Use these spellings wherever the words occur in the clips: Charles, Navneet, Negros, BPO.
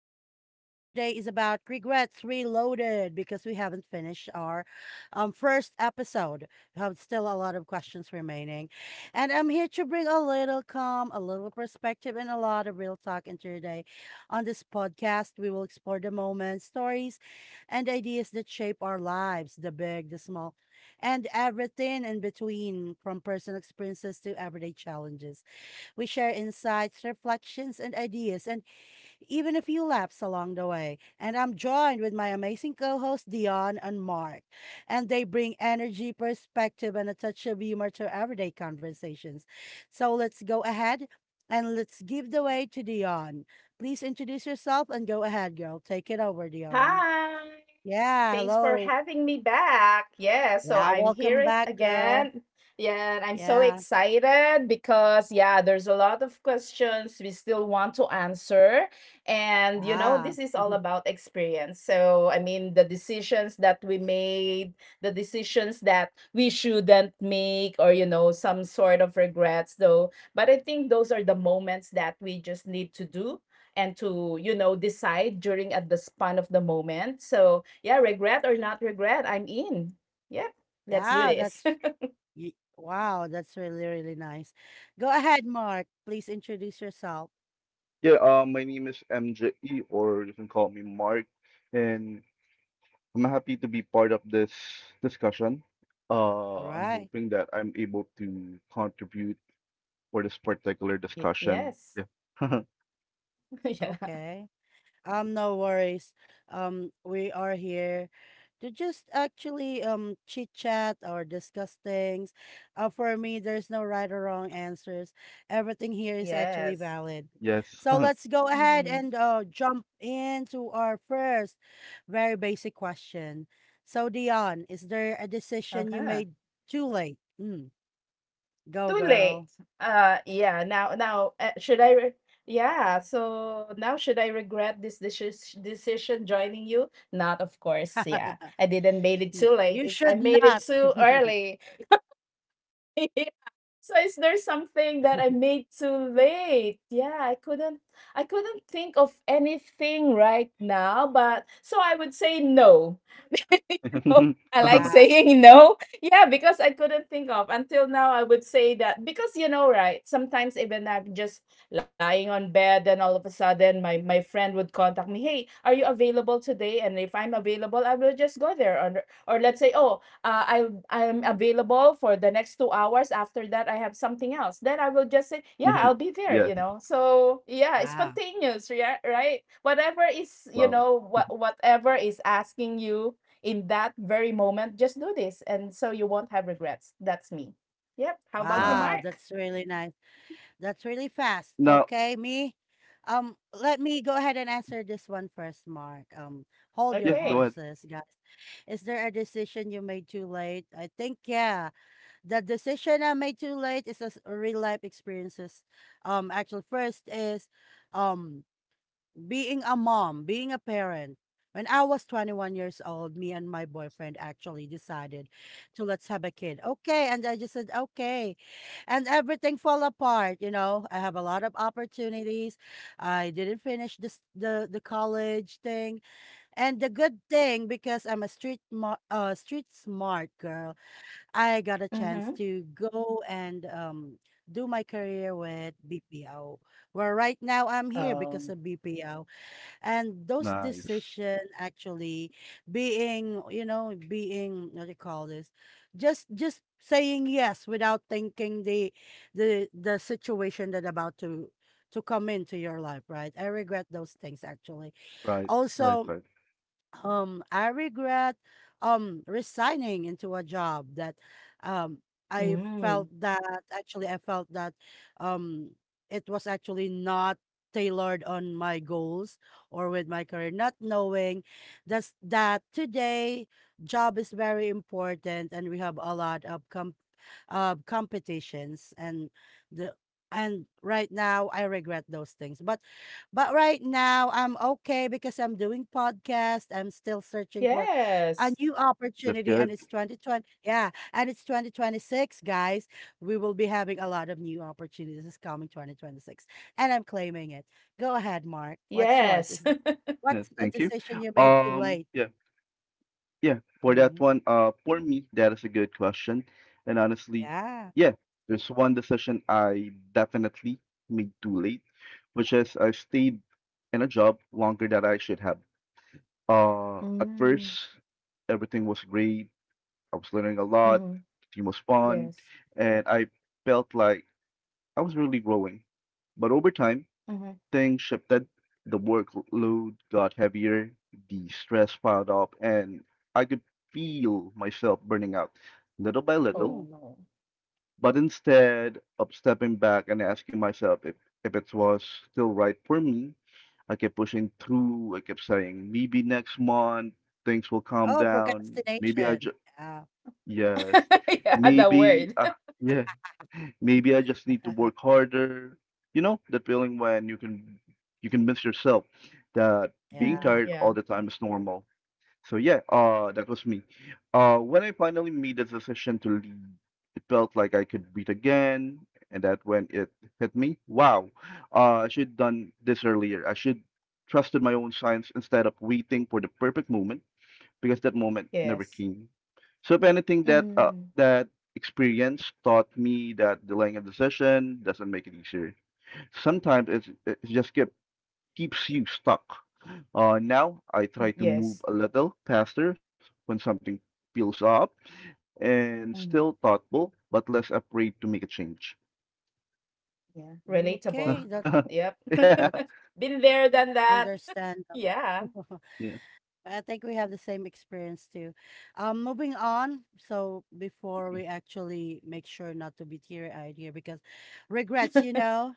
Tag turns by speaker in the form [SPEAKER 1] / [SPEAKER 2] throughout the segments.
[SPEAKER 1] Our topic for today is about regrets reloaded because we haven't finished our first episode. We have still a lot of questions remaining. And I'm here to bring a little calm, a little perspective, and a lot of real talk into your day. On this podcast, we will explore the moments, stories, and ideas that shape our lives, the big, the small, and everything in between, from personal experiences to everyday challenges. We share insights, reflections, and ideas, and even a few laughs along the way. And I'm joined with my amazing co hosts, Dion and Mark. And they bring energy, perspective, and a touch of humor to everyday conversations. So let's go ahead and let's give the way to Dion. Please introduce yourself and go ahead, girl. Take it over, Dion.
[SPEAKER 2] Hi.
[SPEAKER 1] Yeah,
[SPEAKER 2] Thanks for
[SPEAKER 1] hello.
[SPEAKER 2] having me back. Yeah, so
[SPEAKER 1] Yeah,
[SPEAKER 2] I'm here
[SPEAKER 1] welcome back, girl.
[SPEAKER 2] again. Yeah, and I'm so
[SPEAKER 1] Yeah.
[SPEAKER 2] excited because yeah, there's a lot of questions we still want to answer. And
[SPEAKER 1] Ah.
[SPEAKER 2] this is all about experience. So, I mean, the decisions that we made, the decisions that we shouldn't make, or some sort of regrets though. But I think those are the moments that we just need to do, and to decide during at the span of the moment. So yeah, regret or not regret, I'm in. Yeah, let's do
[SPEAKER 1] Yeah,
[SPEAKER 2] this.
[SPEAKER 1] that's Wow, that's really, really nice. Go ahead, Mark. Please introduce yourself.
[SPEAKER 3] Yeah, my name is MJE, or you can call me Mark, and I'm happy to be part of this discussion.
[SPEAKER 1] All
[SPEAKER 3] I'm
[SPEAKER 1] right.
[SPEAKER 3] hoping that I'm able to contribute for this particular
[SPEAKER 2] Y-
[SPEAKER 3] discussion.
[SPEAKER 2] yes
[SPEAKER 3] Yeah.
[SPEAKER 2] Yeah.
[SPEAKER 1] Okay. No worries. We are here to just actually chit chat or discuss things. For me, there's no right or wrong answers. Everything here is actually
[SPEAKER 2] Yes.
[SPEAKER 1] valid.
[SPEAKER 3] Yes.
[SPEAKER 1] So let's go ahead
[SPEAKER 2] Mm-hmm.
[SPEAKER 1] and jump into our first very basic question. So Dion, is there a decision you
[SPEAKER 2] Okay.
[SPEAKER 1] made too late? Hmm. Go,
[SPEAKER 2] Too late.
[SPEAKER 1] girl.
[SPEAKER 2] Uh yeah now now uh, should I re- yeah so now should I regret this decision joining you? Not, of course. Yeah, I didn't made it too late.
[SPEAKER 1] You
[SPEAKER 2] I
[SPEAKER 1] should
[SPEAKER 2] made it
[SPEAKER 1] not.
[SPEAKER 2] too early. So is there something that I made too late? Yeah, I couldn't think of anything right now, but so I would say no. You know,
[SPEAKER 3] Mhm.
[SPEAKER 2] I like
[SPEAKER 1] Yeah.
[SPEAKER 2] saying no. Yeah, because I couldn't think of until now. I would say that because you know, right? Sometimes even I'm just lying on bed, and all of a sudden, my friend would contact me, "Hey, are you available today?" And if I'm available, I will just go there, or let's say, "Oh, I'm available for the next 2 hours. After that, I have something else. Then I will just say, yeah, I'll be there."
[SPEAKER 3] Yes.
[SPEAKER 2] You know, so yeah, it's
[SPEAKER 1] Wow.
[SPEAKER 2] spontaneous, yeah, right? Whatever is you
[SPEAKER 3] Wow.
[SPEAKER 2] know what whatever is asking you in that very moment, just do this, and so you won't have regrets. That's me. Yep. How about you,
[SPEAKER 1] Wow.
[SPEAKER 3] Nice.
[SPEAKER 2] Mark?
[SPEAKER 1] That's really nice. That's really fast.
[SPEAKER 3] Now,
[SPEAKER 1] Okay, me. Let me go ahead and answer this one first, Mark. Hold
[SPEAKER 3] yeah,
[SPEAKER 1] your
[SPEAKER 3] go
[SPEAKER 2] Okay.
[SPEAKER 3] ahead.
[SPEAKER 1] horses, guys. Is there a decision you made too late? I think yeah. The decision I made too late is a real life experiences. Actually, first is, um, being a mom, being a parent, when I was 21 years old, me and my boyfriend actually decided to let's have a kid. Okay. And I just said, okay. And everything fell apart. You know, I have a lot of opportunities. I didn't finish this, the college thing. And the good thing, because I'm a street, street smart girl, I got a chance
[SPEAKER 2] Mm-hmm.
[SPEAKER 1] to go and, do my career with BPO, where right now I'm here because
[SPEAKER 2] Um.
[SPEAKER 1] of BPO. And those
[SPEAKER 3] Nice.
[SPEAKER 1] decision actually, being you know, being what do you call this, just saying yes without thinking the the situation that about to come into your life, right? I regret those things actually.
[SPEAKER 3] Right, right,
[SPEAKER 1] Also,
[SPEAKER 3] right.
[SPEAKER 1] I regret resigning into a job that, um I felt
[SPEAKER 2] Mm.
[SPEAKER 1] that, actually I felt that, um it was actually not tailored on my goals or with my career, not knowing that's that today job is very important and we have a lot of competitions and the, and right now I regret those things. But right now, I'm okay because I'm doing podcast. I'm still searching for a
[SPEAKER 2] Yes.
[SPEAKER 1] new
[SPEAKER 3] That's
[SPEAKER 1] opportunity, and
[SPEAKER 3] good.
[SPEAKER 1] it's 2020. Yeah, and it's 2026, guys. We will be having a lot of new opportunities this coming 2026, and I'm claiming it. Go ahead, Mark. What's yours?
[SPEAKER 2] Yes.
[SPEAKER 1] Is
[SPEAKER 3] Yeah,
[SPEAKER 1] what's a
[SPEAKER 3] thank you.
[SPEAKER 1] decision you made too late?
[SPEAKER 3] Yeah. Yeah, for that
[SPEAKER 1] Hmm.
[SPEAKER 3] one, for me, that is a good question. And honestly,
[SPEAKER 1] Yeah.
[SPEAKER 3] yeah, there's one decision I definitely made too late, which is I stayed in a job longer than I should have. At
[SPEAKER 2] mm.
[SPEAKER 3] first, everything was great. I was learning a
[SPEAKER 2] Mm-hmm.
[SPEAKER 3] lot, the team was fun,
[SPEAKER 2] Yes.
[SPEAKER 3] and I felt like I was really growing. But over time,
[SPEAKER 2] Mm-hmm.
[SPEAKER 3] things shifted. The workload got heavier, the stress piled up, and I could feel myself burning out little by little.
[SPEAKER 2] Oh
[SPEAKER 1] Mm.
[SPEAKER 2] no.
[SPEAKER 3] But instead of stepping back and asking myself if it was still right for me, I kept pushing through. I kept saying, maybe next month things will calm
[SPEAKER 1] Oh,
[SPEAKER 3] down.
[SPEAKER 1] procrastination. Yeah.
[SPEAKER 3] Yes,
[SPEAKER 2] Yeah, the
[SPEAKER 3] maybe,
[SPEAKER 2] word.
[SPEAKER 3] uh, Maybe I just need to work harder. You know, that feeling when you convince yourself that being
[SPEAKER 1] Yeah.
[SPEAKER 2] Mhm,
[SPEAKER 3] tired all
[SPEAKER 2] yeah.
[SPEAKER 3] the time is normal. So yeah, that was me. When I finally made the decision to leave, it felt like I could beat again, and that when it hit me. Wow, I should done this earlier. I should trusted my own signs instead of waiting for the perfect moment because that moment never
[SPEAKER 2] Yes.
[SPEAKER 3] came. So if anything, that uh,
[SPEAKER 2] Mm,
[SPEAKER 3] that experience taught me that delaying a decision doesn't make it easier. Sometimes it just keeps you stuck. Now I
[SPEAKER 2] mm,
[SPEAKER 3] try to move
[SPEAKER 2] yes.
[SPEAKER 3] a little faster when something feels up and still
[SPEAKER 2] Mm,
[SPEAKER 3] thoughtful, but less afraid to make a change.
[SPEAKER 2] yeah. Relatable.
[SPEAKER 1] Okay.
[SPEAKER 2] Yep.
[SPEAKER 3] Yeah,
[SPEAKER 1] That's
[SPEAKER 2] Been there, done that.
[SPEAKER 1] understandable.
[SPEAKER 2] Yeah.
[SPEAKER 3] yeah,
[SPEAKER 1] I think we have the same experience too. Moving on. So before we actually make sure not to be teary-eyed here, because regrets, you know,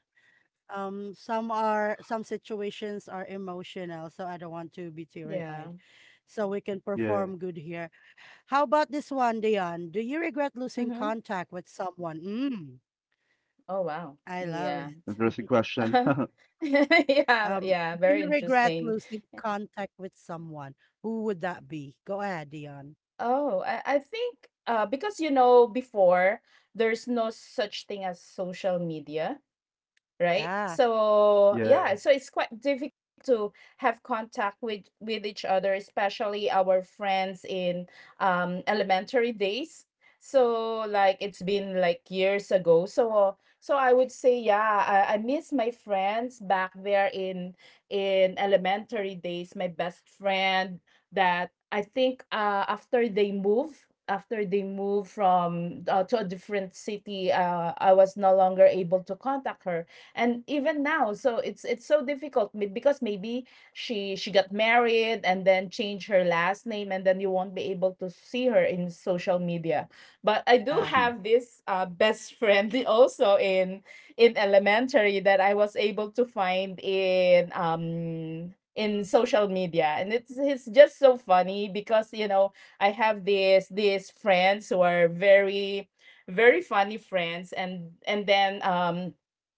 [SPEAKER 1] some are some situations are emotional, so I don't want to be teary-eyed.
[SPEAKER 2] Yeah.
[SPEAKER 1] So we can
[SPEAKER 3] yeah.
[SPEAKER 1] perform good here. How about this one, Dion? Do you regret losing
[SPEAKER 2] Mm-hmm.
[SPEAKER 1] contact with someone? Mm,
[SPEAKER 2] Oh, wow.
[SPEAKER 1] I love
[SPEAKER 2] Yeah.
[SPEAKER 3] Interesting
[SPEAKER 1] it.
[SPEAKER 3] question.
[SPEAKER 2] Yeah,
[SPEAKER 1] Um,
[SPEAKER 2] yeah,
[SPEAKER 1] do
[SPEAKER 2] very
[SPEAKER 1] you regret
[SPEAKER 2] interesting.
[SPEAKER 1] losing contact with someone? Who would that be? Go ahead, Dion.
[SPEAKER 2] Oh, I think, because before there's no such thing as social media, right?
[SPEAKER 1] Yeah.
[SPEAKER 2] So
[SPEAKER 3] Yeah,
[SPEAKER 2] yeah, so it's quite difficult to have contact with each other, especially our friends in, elementary days. So like it's been like years ago. So I would say yeah, I miss my friends back there in elementary days. My best friend that I think, after they moved from, to a different city, I was no longer able to contact her. And even now, so it's so difficult, because maybe she got married and then changed her last name, and then you won't be able to see her in social media. But I
[SPEAKER 3] I
[SPEAKER 2] do
[SPEAKER 3] see.
[SPEAKER 1] Yeah,
[SPEAKER 2] have this, best friend also in elementary that I was able to find in, in social media. And it's just so funny because you know, I have this these friends who are very very funny friends. And then,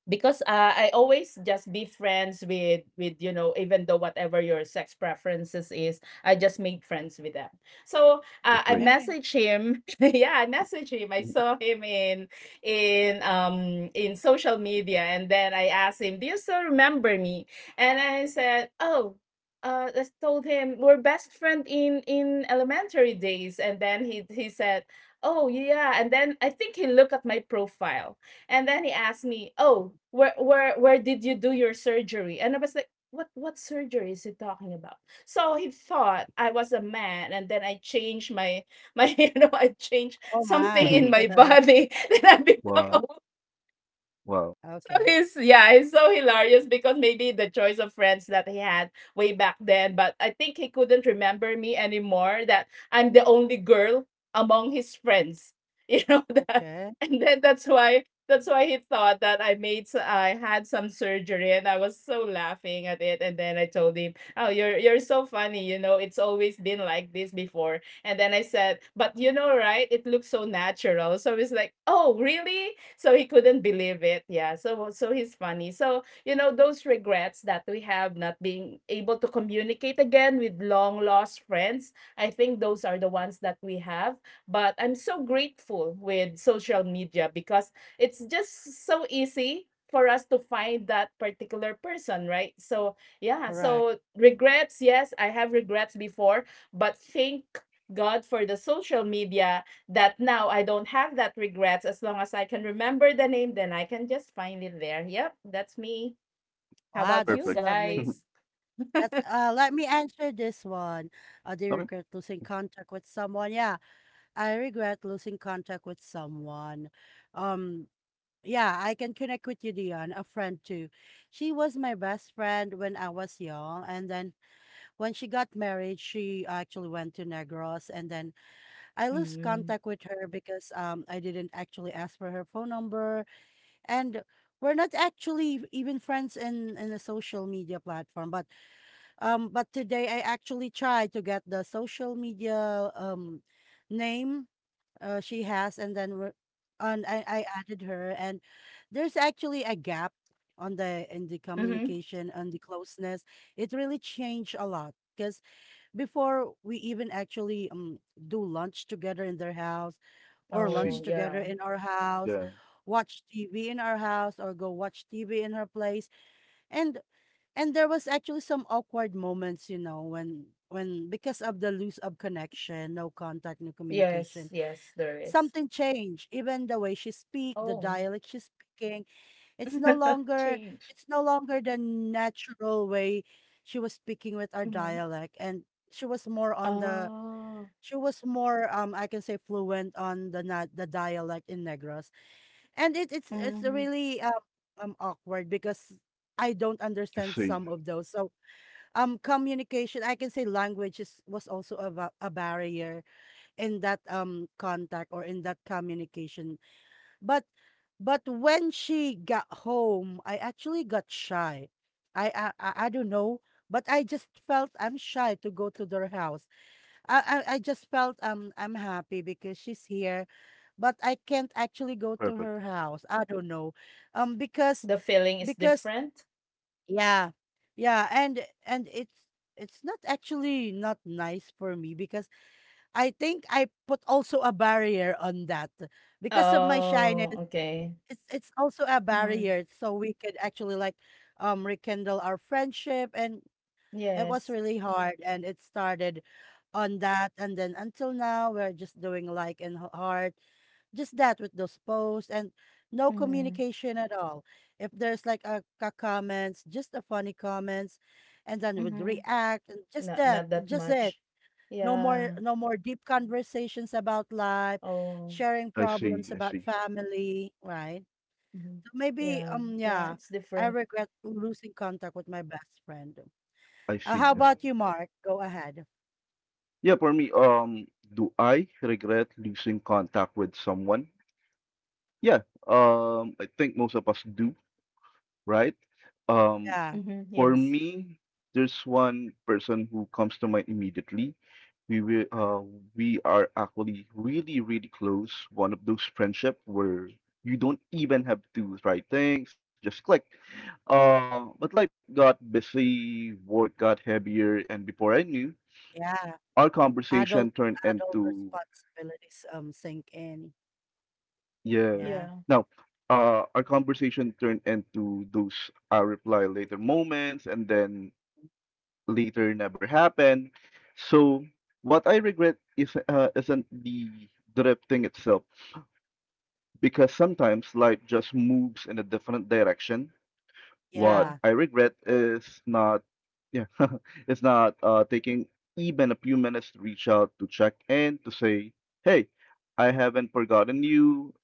[SPEAKER 2] because, I always just be friends with even though whatever your sex preferences is, I just made friends with them. So,
[SPEAKER 3] That's great.
[SPEAKER 2] I
[SPEAKER 1] okay.
[SPEAKER 2] messaged him. Yeah, I messaged him. I saw him in in social media. And then I asked him, "Do you still remember me?" And I said, "Oh, I told him we're best friend in elementary days." And then he said, "Oh yeah." And then I think he looked at my profile, and then he asked me, "Oh, where did you do your surgery?" And I was like, "What surgery is he talking about?" So he thought I was a man, and then I changed my you know, I changed
[SPEAKER 1] Oh
[SPEAKER 2] something
[SPEAKER 1] my.
[SPEAKER 2] in my body. Then I
[SPEAKER 3] Wow,
[SPEAKER 2] become a...
[SPEAKER 1] Okay,
[SPEAKER 3] wow,
[SPEAKER 2] So,
[SPEAKER 1] okay,
[SPEAKER 2] he's yeah, he's so hilarious because maybe the choice of friends that he had way back then, but I think he couldn't remember me anymore that I'm the only girl among his friends. You know that.
[SPEAKER 1] okay.
[SPEAKER 2] And then that's why he thought that I made, I had some surgery, and I was so laughing at it. And then I told him, "Oh, you're so funny, you know, it's always been like this before." And then I said, "But you know, right? It looks so natural." So he's like, "Oh, really?" So he couldn't believe it. Yeah. So he's funny. So, those regrets that we have not being able to communicate again with long lost friends, I think those are the ones that we have. But I'm so grateful with social media because it's just so easy for us to find that particular person, right? So yeah,
[SPEAKER 1] Correct.
[SPEAKER 2] so regrets, yes, I have regrets before, but thank God for the social media that now I don't have that regrets. As long as I can remember the name, then I can just find it there. Yep, that's me. How
[SPEAKER 1] Wow,
[SPEAKER 2] about you
[SPEAKER 1] that's
[SPEAKER 3] perfect.
[SPEAKER 1] lovely.
[SPEAKER 2] guys?
[SPEAKER 1] That's let me answer this one. Do you
[SPEAKER 3] Okay.
[SPEAKER 1] regret losing contact with someone? Yeah, I regret losing contact with someone. Um yeah, I can connect with you, Dion, a friend too. She was my best friend when I was young, and then when she got married, she actually went to Negros, and then I lost
[SPEAKER 2] Mm-hmm.
[SPEAKER 1] contact with her because I didn't actually ask for her phone number, and we're not actually even friends in a social media platform. But but today I actually tried to get the social media name she has, and then we're, and I added her, and there's actually a gap on the in the
[SPEAKER 2] Mm-hmm.
[SPEAKER 1] communication and the closeness. It really changed a lot because before we even actually do lunch together in their house or
[SPEAKER 2] Oh,
[SPEAKER 1] lunch
[SPEAKER 3] See.
[SPEAKER 2] yeah.
[SPEAKER 1] together in our house,
[SPEAKER 3] Yeah.
[SPEAKER 1] watch TV in our house or go watch TV in her place. And and there was actually some awkward moments, you know, when because of the loose of connection, no contact, no
[SPEAKER 2] Yes,
[SPEAKER 1] communication,
[SPEAKER 2] yes, there is.
[SPEAKER 1] something changed, even the way she speak,
[SPEAKER 2] Oh,
[SPEAKER 1] the dialect she's speaking. It's no longer,
[SPEAKER 2] change.
[SPEAKER 1] it's no longer the natural way she was speaking with our
[SPEAKER 2] Mm-hmm.
[SPEAKER 1] dialect. And she was more on the,
[SPEAKER 2] Oh,
[SPEAKER 1] she was more I can say fluent on the the dialect in Negros. And it,
[SPEAKER 2] mm-hmm.
[SPEAKER 1] it's really awkward because I don't
[SPEAKER 3] I
[SPEAKER 1] understand
[SPEAKER 3] see.
[SPEAKER 1] some of those. So communication, I can say language is, was also a, a barrier in that contact or in that communication. But but when she got home, I actually got shy. I don't know, but I just felt I'm shy to go to their house. I just felt I'm happy because she's here, but I can't actually go to
[SPEAKER 3] Perfect.
[SPEAKER 1] her house. I don't know, um
[SPEAKER 2] The
[SPEAKER 1] because
[SPEAKER 2] feeling is
[SPEAKER 1] because,
[SPEAKER 2] different.
[SPEAKER 1] yeah, yeah, and it's not actually not nice for me because I think I put also a barrier on that because of my
[SPEAKER 2] Oh,
[SPEAKER 1] shyness.
[SPEAKER 2] okay.
[SPEAKER 1] It's also a
[SPEAKER 2] Mm-hmm.
[SPEAKER 1] barrier, so we could actually like rekindle our friendship, and it
[SPEAKER 2] Yes.
[SPEAKER 1] was really hard, and it started on that, and then until now we're just doing like in heart, just that with those posts and no
[SPEAKER 2] Mm-hmm.
[SPEAKER 1] communication at all. If there's like a comments, just a funny comments, and then would
[SPEAKER 2] Mm-hmm.
[SPEAKER 1] react and just
[SPEAKER 2] Not
[SPEAKER 1] that,
[SPEAKER 2] that
[SPEAKER 1] just
[SPEAKER 2] much.
[SPEAKER 1] it. No
[SPEAKER 2] Yeah.
[SPEAKER 1] more, no more deep conversations about life,
[SPEAKER 2] Oh.
[SPEAKER 1] sharing
[SPEAKER 3] I
[SPEAKER 1] problems
[SPEAKER 3] see. I
[SPEAKER 1] about
[SPEAKER 3] see.
[SPEAKER 1] family, right?
[SPEAKER 2] Mhm.
[SPEAKER 1] So maybe
[SPEAKER 2] Yeah, yeah,
[SPEAKER 1] yeah,
[SPEAKER 2] it's
[SPEAKER 1] I
[SPEAKER 2] different.
[SPEAKER 1] regret losing contact with my best friend.
[SPEAKER 3] I see.
[SPEAKER 1] How
[SPEAKER 3] I
[SPEAKER 2] Oh.
[SPEAKER 3] see.
[SPEAKER 1] about you, Mark? Go ahead.
[SPEAKER 3] Yeah, for me, do I regret losing contact with someone? Yeah. I think most of us do, right? Um,
[SPEAKER 1] Yeah.
[SPEAKER 2] Mhm.
[SPEAKER 3] For
[SPEAKER 2] Yes.
[SPEAKER 3] me, there's one person who comes to mind immediately. We will, uh, we are actually really, really close. One of those friendship where you don't even have to write things, just click. But life got busy, work got heavier, and before I knew,
[SPEAKER 1] Yeah.
[SPEAKER 3] our conversation
[SPEAKER 1] Adult
[SPEAKER 3] turned
[SPEAKER 1] Adult
[SPEAKER 3] into
[SPEAKER 1] responsibilities sink in.
[SPEAKER 3] yeah.
[SPEAKER 1] Yeah.
[SPEAKER 2] Yeah.
[SPEAKER 3] No, our conversation turned into those I reply later moments, and then later never happened. So what I regret is isn't the drifting itself because sometimes life just moves in a different direction. What
[SPEAKER 2] Yeah.
[SPEAKER 1] Yeah.
[SPEAKER 3] I regret is not yeah it's not taking even a few minutes to reach out to check in to say hey, I haven't forgotten you.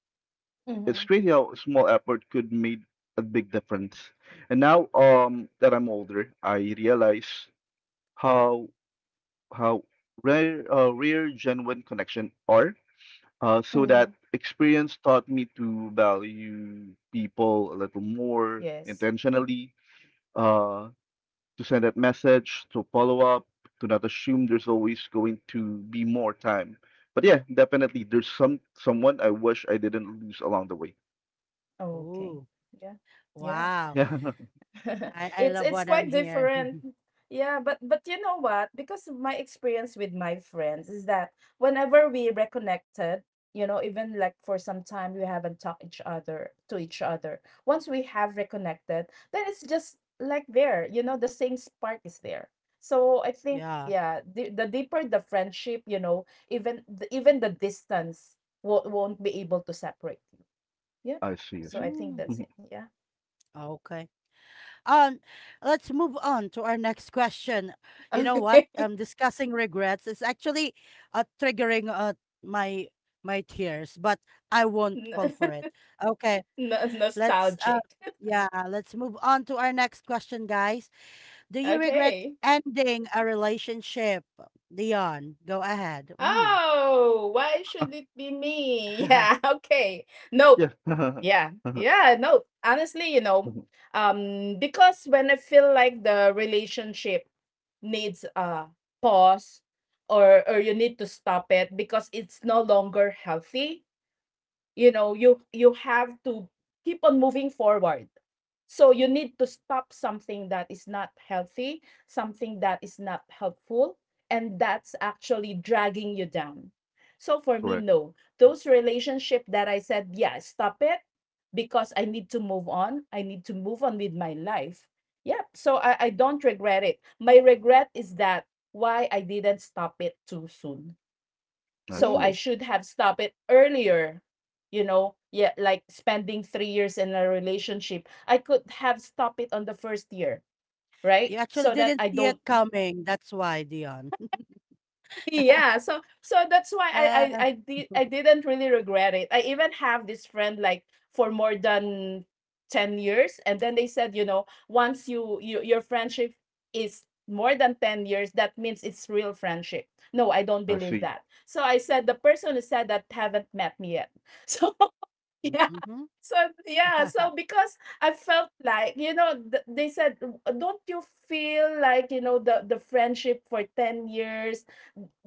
[SPEAKER 3] It's
[SPEAKER 2] Mhm.
[SPEAKER 3] crazy how a small effort could make a big difference. And now that I'm older, I realize how uh, rare genuine connection are. So that
[SPEAKER 2] Mhm.
[SPEAKER 3] experience taught me to value people a little more
[SPEAKER 2] Yes.
[SPEAKER 3] intentionally, uh, to send that message, to follow up, to not assume there's always going to be more time. But yeah, definitely there's someone I wish I didn't lose along the way.
[SPEAKER 2] Okay.
[SPEAKER 1] Ooh.
[SPEAKER 2] Yeah. Yeah.
[SPEAKER 1] Wow. I
[SPEAKER 2] it's
[SPEAKER 1] love
[SPEAKER 2] it's
[SPEAKER 1] what I'm
[SPEAKER 2] quite different.
[SPEAKER 1] hearing.
[SPEAKER 2] Yeah, but you know what? Because of my experience with my friends is that whenever we reconnected, even like for some time we haven't talked each other to each other. Once we have reconnected, then it's just like there, the same spark is there. So I think
[SPEAKER 1] Yeah.
[SPEAKER 2] yeah, the deeper the friendship, even even the distance won't be able to separate you. Yeah.
[SPEAKER 3] Yeah, I see, I
[SPEAKER 2] So I
[SPEAKER 3] see.
[SPEAKER 2] think
[SPEAKER 1] Mm,
[SPEAKER 2] that's
[SPEAKER 3] Mhm.
[SPEAKER 2] it. Yeah.
[SPEAKER 1] okay. Um, let's move on to our next question. You know what? Discussing regrets is actually triggering my my tears, but I won't
[SPEAKER 2] Okay.
[SPEAKER 1] fall for it. Okay,
[SPEAKER 2] No
[SPEAKER 1] let's
[SPEAKER 2] nostalgic.
[SPEAKER 1] yeah, let's move on to our next question, guys. Do you regret
[SPEAKER 2] Okay.
[SPEAKER 1] ending a relationship, Dion? Go ahead. Mm.
[SPEAKER 2] Oh, why should it be me? Yeah, okay. Nope.
[SPEAKER 3] Yeah, Mhm.
[SPEAKER 2] Yeah. Yeah, nope. Honestly, because when I feel like the relationship needs a pause, or you need to stop it because it's no longer healthy. You have to keep on moving forward. So you need to stop something that is not healthy, something that is not helpful, and that's actually dragging you down. So for me,
[SPEAKER 3] Correct.
[SPEAKER 2] no. Those relationship that I said, yeah, stop it, because I need to move on with my life. Yeah, so I don't regret it. My regret is that why I didn't stop it too soon.
[SPEAKER 3] I
[SPEAKER 2] So I
[SPEAKER 3] see,
[SPEAKER 1] Ooh,
[SPEAKER 2] should have stopped it earlier, yeah, like spending 3 years in a relationship. I could have stopped it on the first year, right?
[SPEAKER 1] you actually
[SPEAKER 2] So that
[SPEAKER 1] didn't
[SPEAKER 2] I
[SPEAKER 1] see it
[SPEAKER 2] don't.
[SPEAKER 1] coming. That's why, Dion.
[SPEAKER 2] Yeah, so that's why I
[SPEAKER 1] Uh,
[SPEAKER 2] didn't really regret it. I even have this friend like for more than 10 years, and then they said, you know, once your friendship is more than 10 years, that means it's real friendship. No, I don't
[SPEAKER 3] I
[SPEAKER 2] believe
[SPEAKER 3] see.
[SPEAKER 2] that. So I said, the person who said that haven't met me yet. So yeah.
[SPEAKER 1] mhm.
[SPEAKER 2] So yeah, so because I felt like, they said, "Don't you feel like, you know, the friendship for 10 years?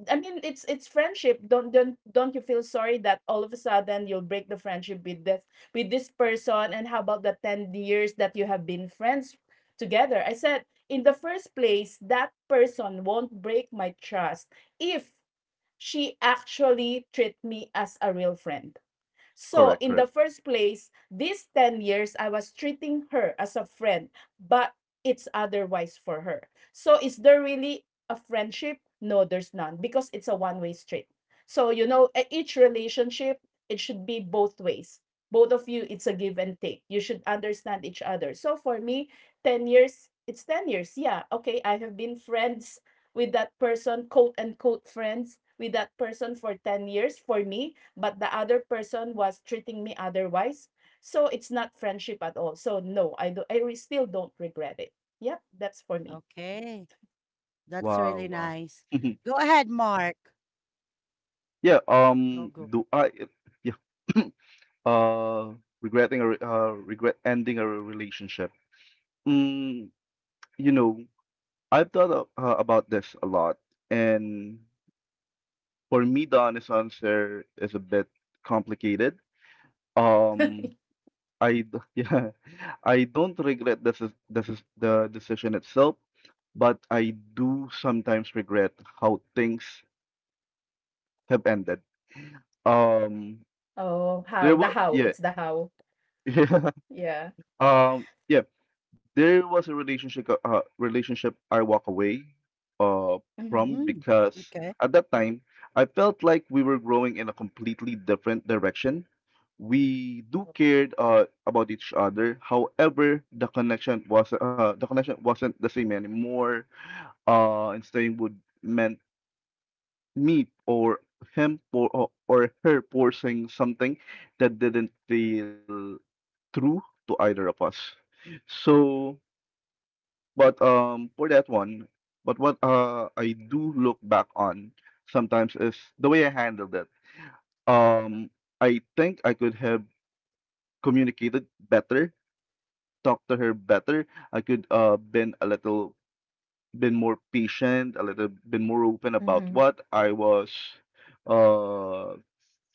[SPEAKER 2] I mean, it's friendship. Don't you feel sorry that all of a sudden you'll break the friendship with this person? And how about the 10 years that you have been friends together?" I said, in the first place, that person won't break my trust if she actually treat me as a real friend. So,
[SPEAKER 3] Correct,
[SPEAKER 2] in the
[SPEAKER 3] correct.
[SPEAKER 2] first place, these 10 years, I was treating her as a friend, but it's otherwise for her. So, is there really a friendship? No, there's none because it's a one way street. So, you know, each relationship, it should be both ways. Both of you, it's a give and take. You should understand each other. So, for me, 10 years, it's 10 years. Yeah, okay, I have been friends with that person, quote unquote friends with that person for 10 years for me, but the other person was treating me otherwise. So it's not friendship at all. So no, I still don't regret it. Yep, that's for me.
[SPEAKER 1] Okay. That's
[SPEAKER 3] Wow,
[SPEAKER 1] really
[SPEAKER 3] wow.
[SPEAKER 1] nice. Go ahead, Mark.
[SPEAKER 3] Yeah,
[SPEAKER 1] Go, go.
[SPEAKER 3] yeah, uh, regret ending a relationship. Mm, you know, I've thought about this a lot, and for me, the honest answer is a bit complicated. Um, yeah, I don't regret this is the decision itself, but I do sometimes regret how things have ended. Um,
[SPEAKER 2] Oh, how the
[SPEAKER 3] there was,
[SPEAKER 2] how. It's
[SPEAKER 3] yeah,
[SPEAKER 2] the how.
[SPEAKER 3] yeah,
[SPEAKER 2] Yeah.
[SPEAKER 3] yeah. There was a relationship I walk away uh,
[SPEAKER 2] Mm-hmm.
[SPEAKER 3] from
[SPEAKER 1] Mm,
[SPEAKER 3] because
[SPEAKER 1] okay.
[SPEAKER 3] at that time I felt like we were growing in a completely different direction. We do cared about each other. However, the connection wasn't the same anymore. And staying would meant me or him for or her forcing something that didn't feel true to either of us. So. But, for that one, but what, I do look back on sometimes is the way I handled it. Um, I think I could have communicated better, talked to her better. I could, been a little, been more patient, a little, been more open
[SPEAKER 2] Mm-hmm.
[SPEAKER 3] about what I was, uh,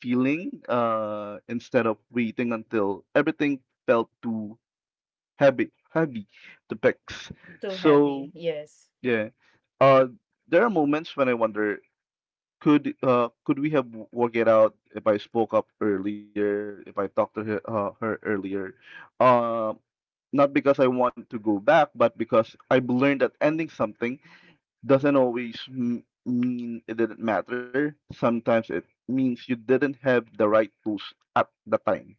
[SPEAKER 3] feeling, instead of waiting until everything felt too heavy to fix.
[SPEAKER 2] Too heavy.
[SPEAKER 3] So,
[SPEAKER 2] Yes.
[SPEAKER 3] yeah. Uh, there are moments when I wonder, could we have worked it out if I spoke up earlier, if I talked to her earlier? Uh, not because I want to go back, but because I've learned that ending something doesn't always m mean it didn't matter. Sometimes it means you didn't have the right tools at the time.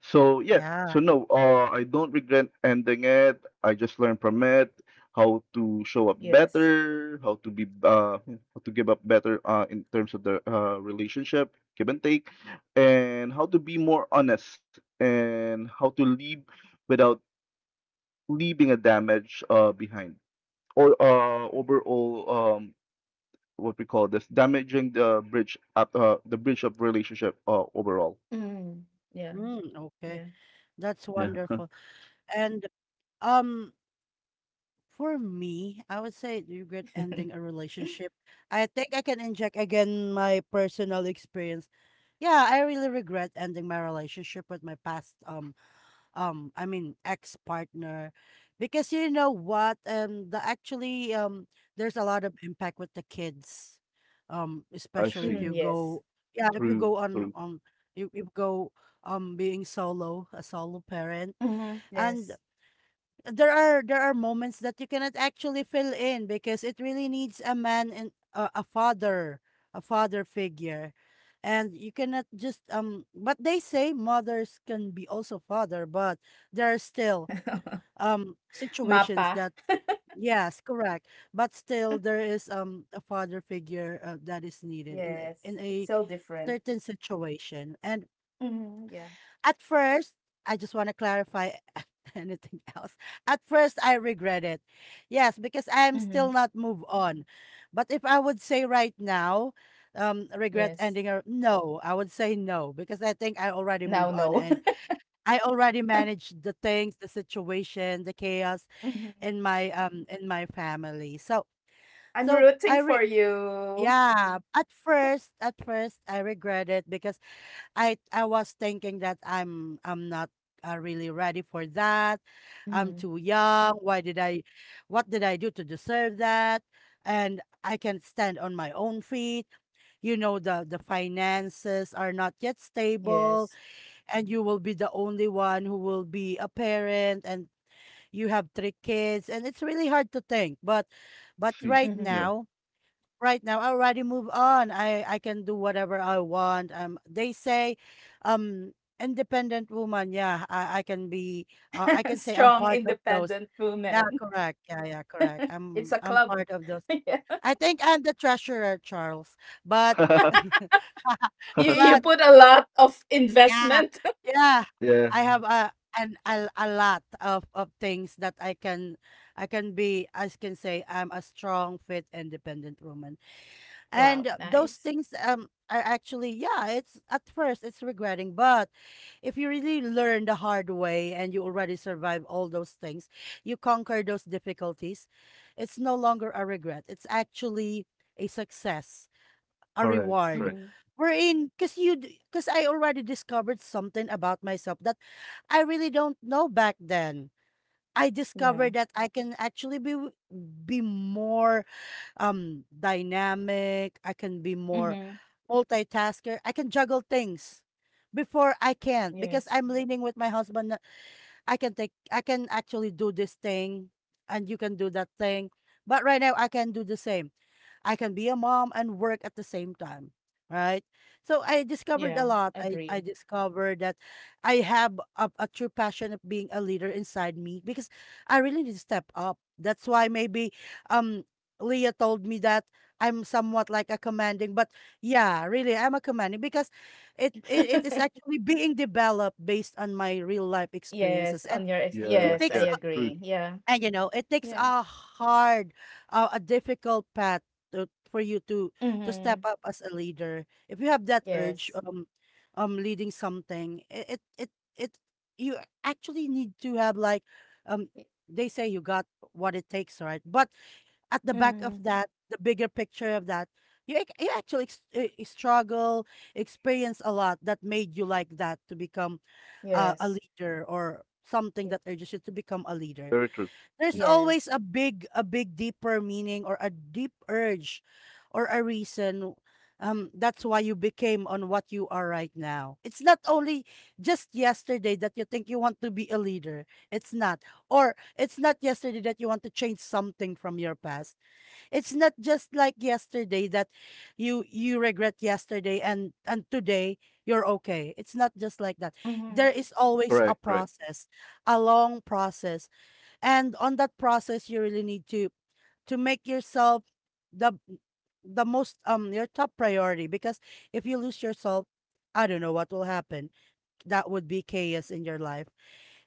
[SPEAKER 3] So yeah,
[SPEAKER 1] Yeah.
[SPEAKER 3] so no, I don't regret ending it. I just learned from it how to show up
[SPEAKER 2] Yes.
[SPEAKER 3] better, how to be how to give up better in terms of the relationship, give and take, and how to be more honest and how to leave without leaving a damage behind or overall what we call this damaging the bridge up the bridge of relationship overall.
[SPEAKER 2] Mm. Yeah.
[SPEAKER 1] Mm, okay.
[SPEAKER 2] Yeah.
[SPEAKER 1] That's
[SPEAKER 3] Yeah,
[SPEAKER 1] wonderful. And um for me, I would say do you regret ending a relationship. I think I can inject again my personal experience. Yeah, I really regret ending my relationship with my past I mean ex-partner because you know what, the actually there's a lot of impact with the kids,
[SPEAKER 3] I
[SPEAKER 1] especially if
[SPEAKER 2] Mm,
[SPEAKER 3] see.
[SPEAKER 1] you
[SPEAKER 2] yes.
[SPEAKER 1] go, yeah, if you
[SPEAKER 3] True,
[SPEAKER 1] go on
[SPEAKER 3] true.
[SPEAKER 1] on you, you go being solo, a solo parent,
[SPEAKER 2] Mhm,
[SPEAKER 1] and
[SPEAKER 2] yes.
[SPEAKER 1] there are, there are moments that you cannot actually fill in because it really needs a man and a father, a father figure, and you cannot just but they say mothers can be also father, but there are still
[SPEAKER 2] Mapa.
[SPEAKER 1] situations that, yes correct, but still there is a father figure that is needed
[SPEAKER 2] Yes,
[SPEAKER 1] in
[SPEAKER 2] it's
[SPEAKER 1] a
[SPEAKER 2] so different.
[SPEAKER 1] certain situation. And
[SPEAKER 2] Mhm, yeah.
[SPEAKER 1] at first, I just want to clarify anything else. At first, I regret it. Yes, because I am
[SPEAKER 2] Mhm,
[SPEAKER 1] still not moved on. But if I would say right now, regret
[SPEAKER 2] yes.
[SPEAKER 1] ending or no, I would say no because I think I already
[SPEAKER 2] Now,
[SPEAKER 1] moved on
[SPEAKER 2] no.
[SPEAKER 1] and I already managed the things, the situation, the chaos
[SPEAKER 2] Mhm.
[SPEAKER 1] in my family. So
[SPEAKER 2] I'm
[SPEAKER 1] so I
[SPEAKER 2] rooting
[SPEAKER 1] re
[SPEAKER 2] for you.
[SPEAKER 1] yeah, at first I regret it because I was thinking that I'm not really ready for that. I'm
[SPEAKER 2] Mhm,
[SPEAKER 1] too young. Why did I, what did I do to deserve that? And I can stand on my own feet. You know the finances are not yet stable
[SPEAKER 2] yes.
[SPEAKER 1] and you will be the only one who will be a parent and you have three kids and it's really hard to think. But
[SPEAKER 3] See,
[SPEAKER 1] right
[SPEAKER 3] yeah.
[SPEAKER 2] Mhm.
[SPEAKER 1] now, right now I already move on. I can do whatever I want. They say, um, independent woman. Yeah, I can be. I can say I'm
[SPEAKER 2] Strong,
[SPEAKER 1] part of those.
[SPEAKER 2] independent
[SPEAKER 1] Yeah,
[SPEAKER 2] woman.
[SPEAKER 1] correct. Yeah, yeah, correct.
[SPEAKER 2] It's a
[SPEAKER 1] I'm
[SPEAKER 2] club.
[SPEAKER 1] part of those.
[SPEAKER 2] Yeah.
[SPEAKER 1] I think I'm the treasurer, Charles. But
[SPEAKER 2] You
[SPEAKER 1] but
[SPEAKER 2] put a lot of
[SPEAKER 1] yeah,
[SPEAKER 2] investment.
[SPEAKER 1] yeah,
[SPEAKER 3] Yeah,
[SPEAKER 1] I have a lot of things that I can be. I can say I'm a strong, fit, independent woman. And
[SPEAKER 2] Wow,
[SPEAKER 1] those
[SPEAKER 2] nice.
[SPEAKER 1] things are actually, yeah, it's at first it's regretting, but if you really learn the hard way and you already survive all those things, you conquer those difficulties, it's no longer a regret. It's actually a success, a
[SPEAKER 3] correct,
[SPEAKER 1] reward.
[SPEAKER 3] correct.
[SPEAKER 2] Mm-hmm.
[SPEAKER 1] We're in because you because I already discovered something about myself that I really don't know back then. I discovered
[SPEAKER 2] Yeah.
[SPEAKER 1] that I can actually be more dynamic, I can be more
[SPEAKER 2] Mm-hmm.
[SPEAKER 1] multitasker, I can juggle things. Before I can't because I'm
[SPEAKER 2] Yes.
[SPEAKER 1] leaning with my husband that I can actually do this thing and you can do that thing. But right now I can do the same. I can be a mom and work at the same time, right? So I discovered a
[SPEAKER 2] Yeah,
[SPEAKER 1] lot. I
[SPEAKER 2] agree.
[SPEAKER 1] discovered that I have a true passion of being a leader inside me because I really need to step up. That's why maybe um Leah told me that I'm somewhat like a commanding, but yeah, really, I'm a commanding because it is actually being developed based on my real life
[SPEAKER 2] Yes,
[SPEAKER 1] experiences. And
[SPEAKER 2] on your ex,
[SPEAKER 1] it
[SPEAKER 3] Yes,
[SPEAKER 2] yes, I
[SPEAKER 1] takes
[SPEAKER 3] yes, true.
[SPEAKER 2] agree. Yeah.
[SPEAKER 1] and you know, it takes
[SPEAKER 2] Yeah.
[SPEAKER 1] a difficult path for you to step
[SPEAKER 2] Mm-hmm.
[SPEAKER 1] up as a leader. If you have that urge,
[SPEAKER 2] Yes.
[SPEAKER 1] leading something, it you actually need to have, like, um, they say you got what it takes, right? But at the back of
[SPEAKER 2] Mm-hmm.
[SPEAKER 1] that, the bigger picture of that, you actually struggle, experience a lot that made you like that to become a
[SPEAKER 2] Yes.
[SPEAKER 1] leader or something
[SPEAKER 2] Ye-
[SPEAKER 1] that urges you to become a leader.
[SPEAKER 3] Very true.
[SPEAKER 1] There's always
[SPEAKER 2] Yes.
[SPEAKER 1] a big deeper meaning or a deep urge or a reason. That's why you became on what you are right now. It's not only just yesterday that you think you want to be a leader. It's not. Or it's not yesterday that you want to change something from your past. It's not just like yesterday that you regret yesterday, and today you're okay. It's not just like that.
[SPEAKER 2] Mm-hmm.
[SPEAKER 1] There is always a
[SPEAKER 3] Correct, correct.
[SPEAKER 1] process, a long process, and on that process you really need to make yourself the the most your top priority. Because if you lose yourself, I don't know what will happen. That would be chaos in your life.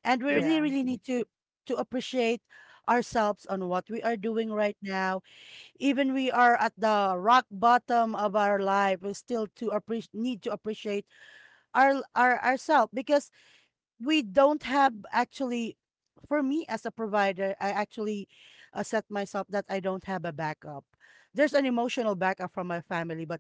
[SPEAKER 1] And we
[SPEAKER 3] Yep.
[SPEAKER 1] really,
[SPEAKER 2] Yeah.
[SPEAKER 1] really need to appreciate ourselves on what we are doing right now. Even we are at the rock bottom of our life, we still to appreciate need to appreciate ourselves. Because we don't have, actually. For me as a provider, I actually set myself that I don't have a backup. There's an emotional backup from my family, but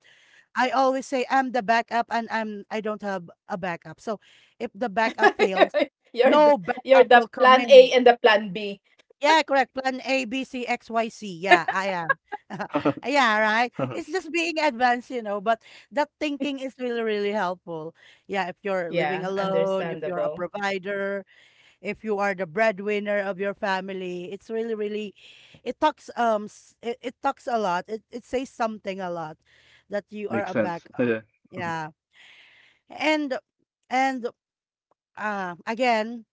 [SPEAKER 1] I always say I'm the backup, and I don't have a backup. So if the backup fails,
[SPEAKER 2] You're
[SPEAKER 1] no
[SPEAKER 2] the you're
[SPEAKER 1] backup
[SPEAKER 2] the
[SPEAKER 1] will come
[SPEAKER 2] plan
[SPEAKER 1] in.
[SPEAKER 2] A and the plan B.
[SPEAKER 1] Yeah, correct, plan a b c x y c, yeah, I am. Yeah, right, it's just being advanced, but that thinking is really, really helpful. Yeah, if you're living
[SPEAKER 2] Yeah,
[SPEAKER 1] alone, if you're a
[SPEAKER 2] understandable.
[SPEAKER 1] provider, if you are the breadwinner of your family, it talks a lot, it says something a lot, that you are
[SPEAKER 3] Makes
[SPEAKER 1] a
[SPEAKER 3] sense.
[SPEAKER 1] backup.
[SPEAKER 3] Yeah.
[SPEAKER 1] Yeah. and and again,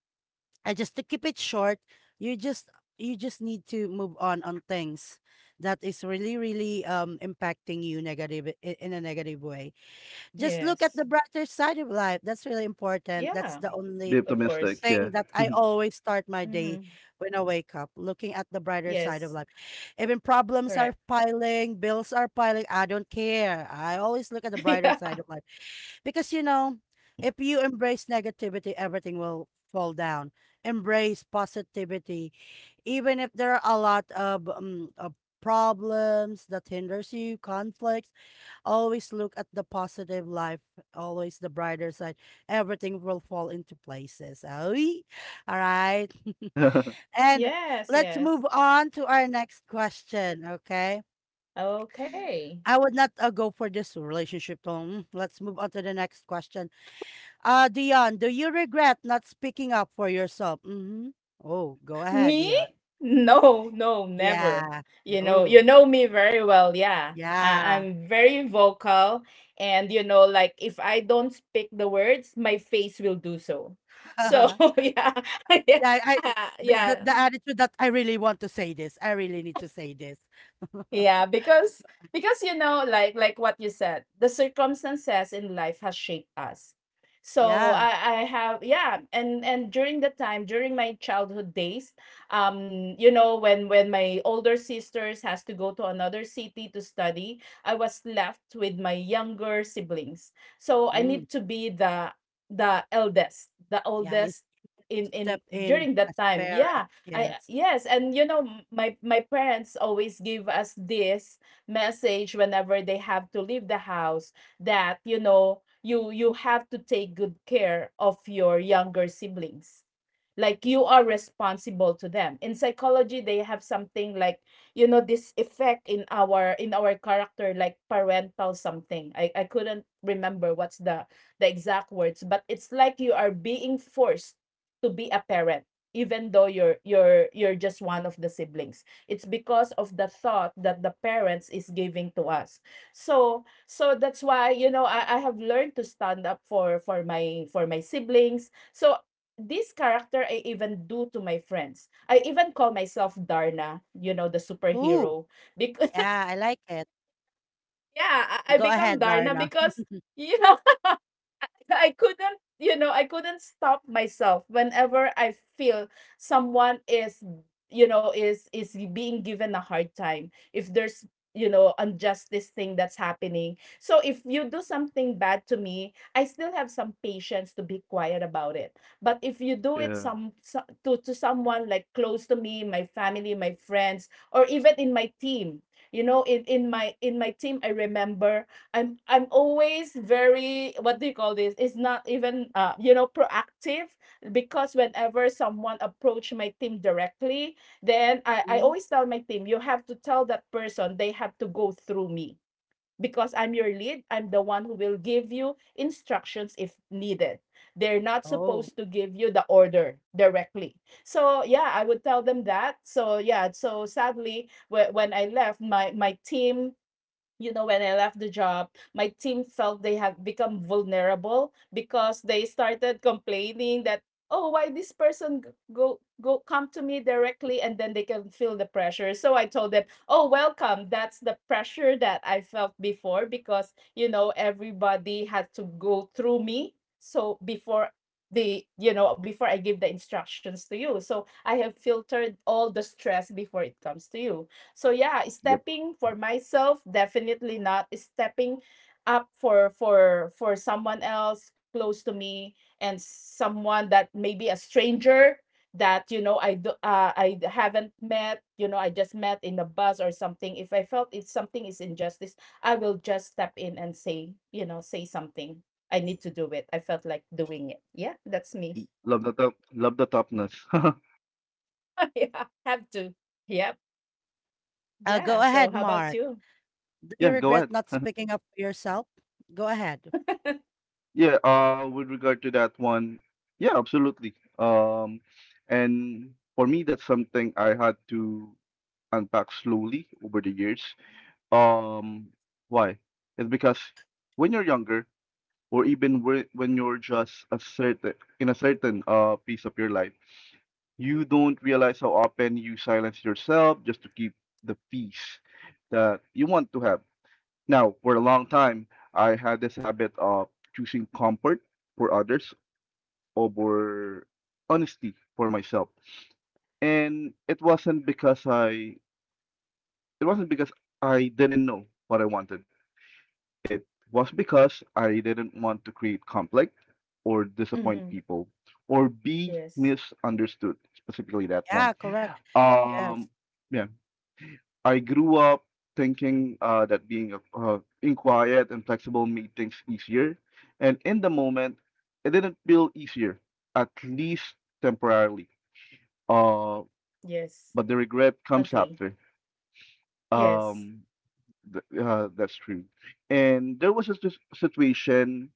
[SPEAKER 1] I just to keep it short, you just you just need to move on things that is really, really impacting you, in a negative way. Just look at the
[SPEAKER 2] Yes.
[SPEAKER 1] brighter side of life. That's really important. That's
[SPEAKER 2] Yeah,
[SPEAKER 1] the
[SPEAKER 3] Be
[SPEAKER 1] only
[SPEAKER 2] of course.
[SPEAKER 3] optimistic, yeah.
[SPEAKER 1] thing that I always start my day
[SPEAKER 2] Mm-hmm.
[SPEAKER 1] when I wake up, looking at the brighter side of
[SPEAKER 2] Yes,
[SPEAKER 1] life. Even problems are
[SPEAKER 2] correct.
[SPEAKER 1] piling, bills are piling, I don't care. I always look at the brighter
[SPEAKER 2] Yeah.
[SPEAKER 1] side of life, because if you embrace negativity, everything will fall down. Embrace positivity, even if there are a lot of, of problems that hinders you, conflicts. Always look at the positive life, always the brighter side. Everything will fall into places. Oy. All right. And
[SPEAKER 2] Yes,
[SPEAKER 1] let's move
[SPEAKER 2] yes.
[SPEAKER 1] on to our next question, okay?
[SPEAKER 2] Okay.
[SPEAKER 1] I would not go for this relationship tone. Let's move on to the next question. Dion, do you regret not speaking up for yourself? Mm-hmm. Oh, go ahead,
[SPEAKER 2] Me?
[SPEAKER 1] Dion.
[SPEAKER 2] No, no, never.
[SPEAKER 1] Yeah. Oh,
[SPEAKER 2] You know me very well. Yeah. I,
[SPEAKER 1] yeah.
[SPEAKER 2] I'm very vocal. And, you know, like if I don't speak the words, my face will do so. So, yeah. Yeah.
[SPEAKER 1] Yeah, I
[SPEAKER 2] Yeah.
[SPEAKER 1] the attitude that I really want to say this. I really need to say this.
[SPEAKER 2] Yeah, because you know, like what you said, the circumstances in life has shaped us. So
[SPEAKER 1] Yeah.
[SPEAKER 2] I have yeah, and during the time during my childhood days, you know, when my older sisters has to go to another city to study, I was left with my younger siblings. So I
[SPEAKER 1] Mm.
[SPEAKER 2] need to be the eldest, the
[SPEAKER 1] Yeah,
[SPEAKER 2] oldest in
[SPEAKER 1] step in
[SPEAKER 2] during
[SPEAKER 1] as
[SPEAKER 2] that
[SPEAKER 1] a
[SPEAKER 2] time.
[SPEAKER 1] parent.
[SPEAKER 2] Yeah, I
[SPEAKER 1] Yes.
[SPEAKER 2] yes, and you know my parents always give us this message whenever they have to leave the house that you know you have to take good care of your younger siblings, like you are responsible to them. In psychology, they have something like, you know, this effect in our character, like parental something. I couldn't remember what's the exact words, but it's like you are being forced to be a parent, even though you're just one of the siblings. It's because of the thought that the parents is giving to us. So that's why, you know, I have learned to stand up for for my siblings. So this character I even do to my friends. I even call myself Darna, you know, the
[SPEAKER 1] Ooh,
[SPEAKER 2] superhero. Because
[SPEAKER 1] yeah, I like it.
[SPEAKER 2] yeah, I
[SPEAKER 1] Go
[SPEAKER 2] become
[SPEAKER 1] ahead,
[SPEAKER 2] Darna
[SPEAKER 1] Darna.
[SPEAKER 2] because you know. No, I couldn't, you know, I couldn't stop myself whenever I feel someone is, you know, is being given a hard time. If there's, you know, injustice thing that's happening. So if you do something bad to me, I still have some patience to be quiet about it. But if you do it
[SPEAKER 3] Yeah.
[SPEAKER 2] some, so, to someone like close to me, my family, my friends, or even in my team, you know, in my team, I remember I'm always very, what do you call this? It's not even you know proactive, because whenever someone approach my team directly, then I
[SPEAKER 1] Mm.
[SPEAKER 2] always tell my team you have to tell that person they have to go through me, because I'm your lead. I'm the one who will give you instructions if needed. They're not
[SPEAKER 1] Oh.
[SPEAKER 2] supposed to give you the order directly. So yeah, I would tell them that. So yeah, so sadly, when I left, my team, you know, when I left the job, my team felt they have become vulnerable because they started complaining that, oh, why this person g- go go come to me directly, and then they can feel the pressure. So I told them, oh, welcome. That's the pressure that I felt before, because, you know, everybody had to go through me. So before the you know before I give the instructions to you, so I have filtered all the stress before it comes to you. So yeah,
[SPEAKER 3] Yep.
[SPEAKER 2] stepping for myself, definitely. Not stepping up for someone else close to me, and someone that maybe a stranger that, you know, I haven't met, you know, I just met in the bus or something. If I felt it's something is injustice, I will just step in and say, you know, say something. I need to do it. I felt like doing it. Yeah, that's me.
[SPEAKER 3] Love the top, love the toughness.
[SPEAKER 2] Yeah, have to. Yep.
[SPEAKER 1] Go
[SPEAKER 2] Yeah,
[SPEAKER 1] ahead,
[SPEAKER 2] so how
[SPEAKER 1] Mark.
[SPEAKER 2] about you?
[SPEAKER 1] Do
[SPEAKER 3] Yeah,
[SPEAKER 1] you
[SPEAKER 3] go
[SPEAKER 1] regret
[SPEAKER 3] ahead.
[SPEAKER 1] not speaking up for yourself? Go ahead.
[SPEAKER 3] Yeah, with regard to that one, yeah, absolutely. And for me that's something I had to unpack slowly over the years. Um why? It's because when you're younger, or even when you're just a certain in a certain piece of your life you don't realize how often you silence yourself just to keep the peace that you want to have now. For a long time I had this habit of choosing comfort for others over honesty for myself, and it wasn't because I didn't know what I wanted. It was because I didn't want to create conflict or disappoint
[SPEAKER 2] Hmm.
[SPEAKER 3] people or be
[SPEAKER 2] Yes,
[SPEAKER 3] misunderstood, specifically that one.
[SPEAKER 1] Yeah, correct. Yes.
[SPEAKER 3] Um, yeah, I grew up thinking that being being quiet and flexible made things easier, and in the moment, it didn't feel easier, at least temporarily. Uh,
[SPEAKER 2] yes.
[SPEAKER 3] but the regret comes
[SPEAKER 2] Agree.
[SPEAKER 3] after.
[SPEAKER 2] Yes.
[SPEAKER 3] Um, that's true. And there was a situation.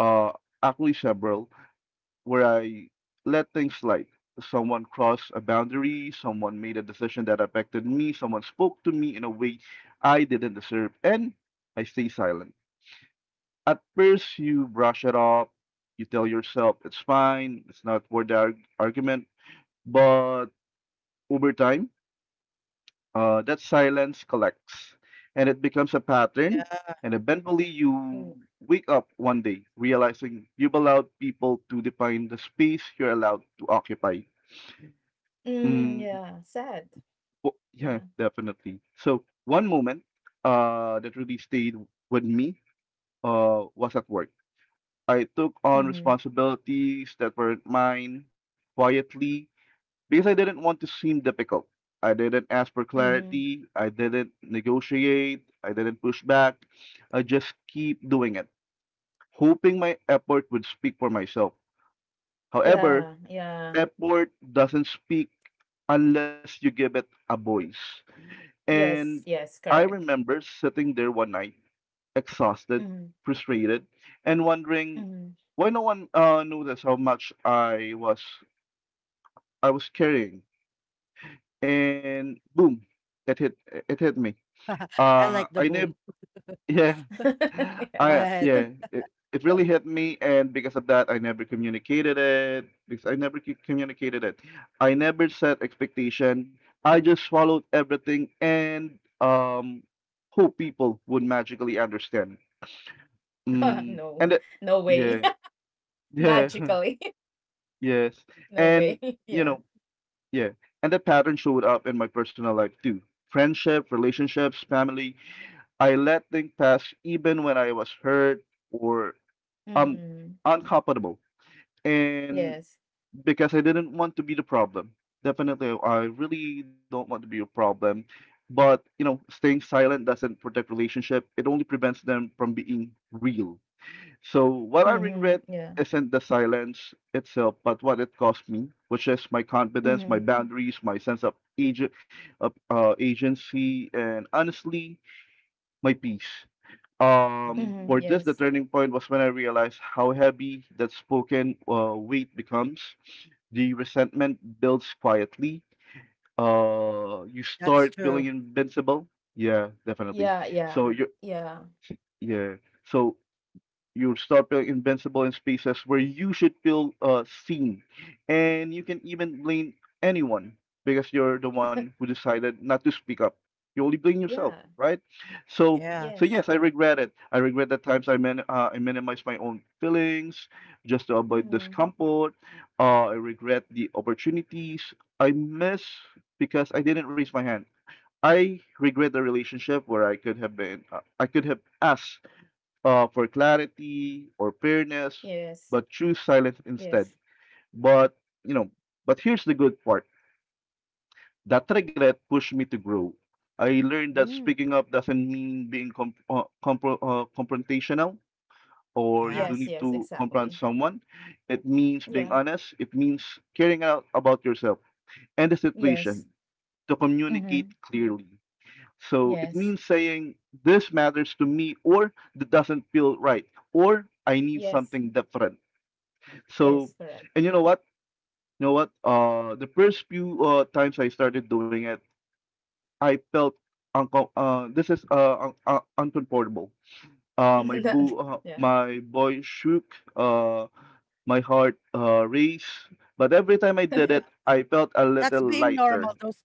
[SPEAKER 3] Uh, actually, several where I let things slide. Someone crossed a boundary, someone made a decision that affected me, someone spoke to me in a way I didn't deserve, and I stay silent. At first, you brush it off, you tell yourself it's fine, it's not worth the argument, but over time, that silence collects and it becomes a pattern. And eventually,
[SPEAKER 2] Mm,
[SPEAKER 3] you wake up one day realizing you've allowed people to define the space you're allowed to occupy. Mm,
[SPEAKER 2] yeah, sad.
[SPEAKER 3] yeah,
[SPEAKER 2] Yeah.
[SPEAKER 3] definitely. So, one moment that really stayed with me was at work. I took on
[SPEAKER 2] Mhm.
[SPEAKER 3] responsibilities that weren't mine quietly because I didn't want to seem difficult. I didn't ask for
[SPEAKER 2] Mhm.
[SPEAKER 3] clarity. I didn't negotiate. I didn't push back. I just keep doing it, hoping my effort would speak for myself. However,
[SPEAKER 2] Yeah, yeah.
[SPEAKER 3] effort doesn't speak unless you give it a voice. And
[SPEAKER 2] Yes, yes,
[SPEAKER 3] I
[SPEAKER 2] correct.
[SPEAKER 3] remember sitting there one night, exhausted,
[SPEAKER 2] Mhm.
[SPEAKER 3] frustrated, and wondering
[SPEAKER 2] Mhm.
[SPEAKER 3] why no one noticed how much I was carrying. And boom, it hit it hit me.
[SPEAKER 1] I like the
[SPEAKER 3] I never,
[SPEAKER 1] boom.
[SPEAKER 3] yeah,
[SPEAKER 1] Go
[SPEAKER 2] Yeah.
[SPEAKER 3] I
[SPEAKER 1] ahead.
[SPEAKER 3] yeah, it, it really hit me, and because of that, I never communicated it. Because I never communicated it, I never set expectation. I just followed everything and hope people would magically understand. Mm, and
[SPEAKER 2] No.
[SPEAKER 3] it,
[SPEAKER 2] No way.
[SPEAKER 3] yeah, yeah,
[SPEAKER 2] Magically.
[SPEAKER 3] yes,
[SPEAKER 2] No
[SPEAKER 3] and
[SPEAKER 2] way.
[SPEAKER 3] you
[SPEAKER 2] Yeah.
[SPEAKER 3] know. Yeah, and that pattern showed up in my personal life too. Friendship, relationships, family. I let things pass even when I was hurt or um
[SPEAKER 2] Mm.
[SPEAKER 3] uncomfortable. And
[SPEAKER 2] Yes.
[SPEAKER 3] because I didn't want to be the problem. Definitely, I really don't want to be a problem. But, you know, staying silent doesn't protect relationship. It only prevents them from being real. So what I
[SPEAKER 2] Mhm.
[SPEAKER 3] regret
[SPEAKER 2] Yeah.
[SPEAKER 3] isn't the silence itself, but what it cost me, which is my confidence, my
[SPEAKER 2] Mhm.
[SPEAKER 3] boundaries, my sense of agency, and honestly, my peace.
[SPEAKER 2] Mhm.
[SPEAKER 1] Mm.
[SPEAKER 3] For this, the
[SPEAKER 2] Yes.
[SPEAKER 3] turning point was when I realized how heavy that spoken weight becomes. The resentment builds quietly. You
[SPEAKER 1] That's
[SPEAKER 3] start feeling
[SPEAKER 1] true.
[SPEAKER 3] invincible. Yeah, definitely.
[SPEAKER 2] Yeah, yeah.
[SPEAKER 3] So you,
[SPEAKER 2] Yeah.
[SPEAKER 3] yeah. So you start feeling invincible in spaces where you should feel seen. And you can even blame anyone because you're the one who decided not to speak up. You only blame yourself,
[SPEAKER 2] Yeah.
[SPEAKER 3] right? So,
[SPEAKER 1] Yeah.
[SPEAKER 3] so
[SPEAKER 2] Yes,
[SPEAKER 3] yes, I
[SPEAKER 2] correct.
[SPEAKER 3] regret it. I regret the times I minimized my own feelings just to avoid
[SPEAKER 2] Mhm.
[SPEAKER 3] discomfort. I regret the opportunities I miss because I didn't raise my hand. I regret the relationship where I could have asked for clarity or fairness,
[SPEAKER 2] Yes.
[SPEAKER 3] but choose silence
[SPEAKER 2] Yes.
[SPEAKER 3] instead. But you know, but here's the good part. That regret pushed me to grow. I learned that
[SPEAKER 1] Mm.
[SPEAKER 3] speaking up doesn't mean being com- compro confrontational or you
[SPEAKER 1] Yeah.
[SPEAKER 3] do
[SPEAKER 2] Yes,
[SPEAKER 3] need
[SPEAKER 2] yes,
[SPEAKER 3] to confront
[SPEAKER 2] exactly.
[SPEAKER 3] someone. It means being
[SPEAKER 2] Yeah.
[SPEAKER 3] honest. It means caring out about yourself and the situation
[SPEAKER 2] Yes.
[SPEAKER 3] to communicate
[SPEAKER 2] Mhm.
[SPEAKER 3] clearly. So it
[SPEAKER 2] Yes.
[SPEAKER 3] means saying, this matters to me, or that doesn't feel right, or I need
[SPEAKER 2] Yes.
[SPEAKER 3] something different. So,
[SPEAKER 2] Yes, correct.
[SPEAKER 3] and you know what? The first few times I started doing it, I felt uncom- this is un- un- uncomfortable.
[SPEAKER 2] That yeah,
[SPEAKER 3] My boy shook. My heart raced. But every time I did
[SPEAKER 1] Yeah.
[SPEAKER 3] it, I felt a
[SPEAKER 1] That's
[SPEAKER 3] little
[SPEAKER 1] being normal.
[SPEAKER 3] lighter.
[SPEAKER 1] Those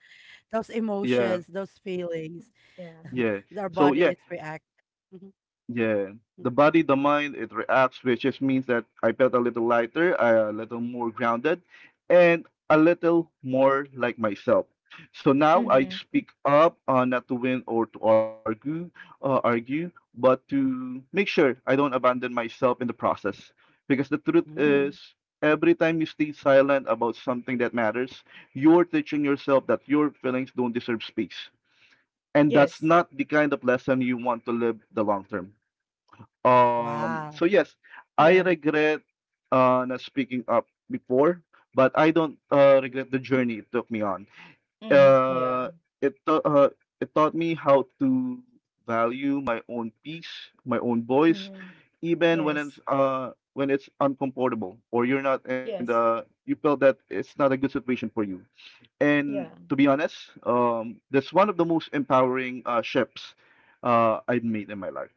[SPEAKER 3] Yeah,
[SPEAKER 1] Emotions, those feelings,
[SPEAKER 2] yeah.
[SPEAKER 3] yeah.
[SPEAKER 1] their
[SPEAKER 3] So
[SPEAKER 1] body
[SPEAKER 3] yeah,
[SPEAKER 1] is reacting. Mhm.
[SPEAKER 3] yeah,
[SPEAKER 1] Mm.
[SPEAKER 3] the body, the mind, it reacts, which just means that I felt a little lighter, a little more grounded, and a little more like myself. So now I
[SPEAKER 2] Mhm.
[SPEAKER 3] speak up, not to win or to argue, argue, but to make sure I don't abandon myself in the process. Because the truth
[SPEAKER 1] Mm,
[SPEAKER 2] Mhm.
[SPEAKER 3] is, every time you stay silent about something that matters, you're teaching yourself that your feelings don't deserve space. And that's
[SPEAKER 2] Yes.
[SPEAKER 3] not the kind of lesson you want to live the long term.
[SPEAKER 1] wow.
[SPEAKER 3] So yes, I
[SPEAKER 2] Yeah.
[SPEAKER 3] regret not speaking up before, but I don't regret the journey it took me on.
[SPEAKER 2] Mhm.
[SPEAKER 3] Uh,
[SPEAKER 2] Yeah.
[SPEAKER 3] it ta- uh, it taught me how to value my own peace, my own voice,
[SPEAKER 2] Mhm.
[SPEAKER 3] even when
[SPEAKER 2] Yes.
[SPEAKER 3] it's uh when it's uncomfortable or you're not and
[SPEAKER 2] Yes.
[SPEAKER 3] you felt that it's not a good situation for you.
[SPEAKER 2] Yeah.
[SPEAKER 3] And to be honest, that's one of the most empowering shifts I've made in my life.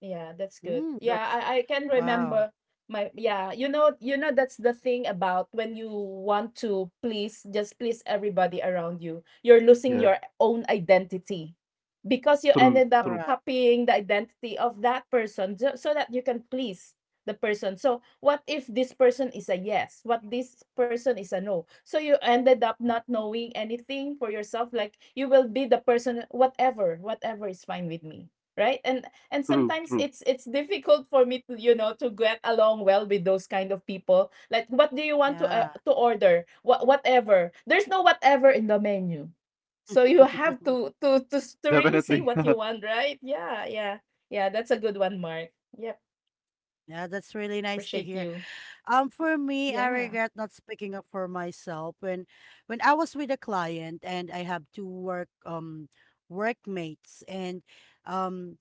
[SPEAKER 2] Yeah, that's good.
[SPEAKER 1] Mm,
[SPEAKER 2] Yeah,
[SPEAKER 1] that's
[SPEAKER 2] I can
[SPEAKER 1] wow.
[SPEAKER 2] remember my yeah, you know, you know, that's the thing about when you want to please, just please everybody around you, you're losing
[SPEAKER 3] Yeah,
[SPEAKER 2] your own identity, because you
[SPEAKER 3] true,
[SPEAKER 2] ended
[SPEAKER 3] true.
[SPEAKER 2] up
[SPEAKER 1] Correct.
[SPEAKER 2] copying the identity of that person, so, so that you can please the person. So, what if this person is a yes? What this person is a no? So you ended up not knowing anything for yourself, like you will be the person, whatever, whatever is fine with me, right? And
[SPEAKER 3] True,
[SPEAKER 2] sometimes
[SPEAKER 3] true.
[SPEAKER 2] it's difficult for me to, you know, to get along well with those kind of people. Like, what do you want
[SPEAKER 1] Yeah.
[SPEAKER 2] to order? What, whatever, there's no whatever in the menu. So you have to to really say
[SPEAKER 3] Definitely.
[SPEAKER 2] what you want, right? Yeah, yeah. Yeah, that's a good one, Mark. Yep.
[SPEAKER 1] Yeah, that's really nice
[SPEAKER 2] Appreciate
[SPEAKER 1] to hear.
[SPEAKER 2] you.
[SPEAKER 1] For me, I
[SPEAKER 2] Yeah.
[SPEAKER 1] regret not speaking up for myself when I was with a client, and I have two workmates, and um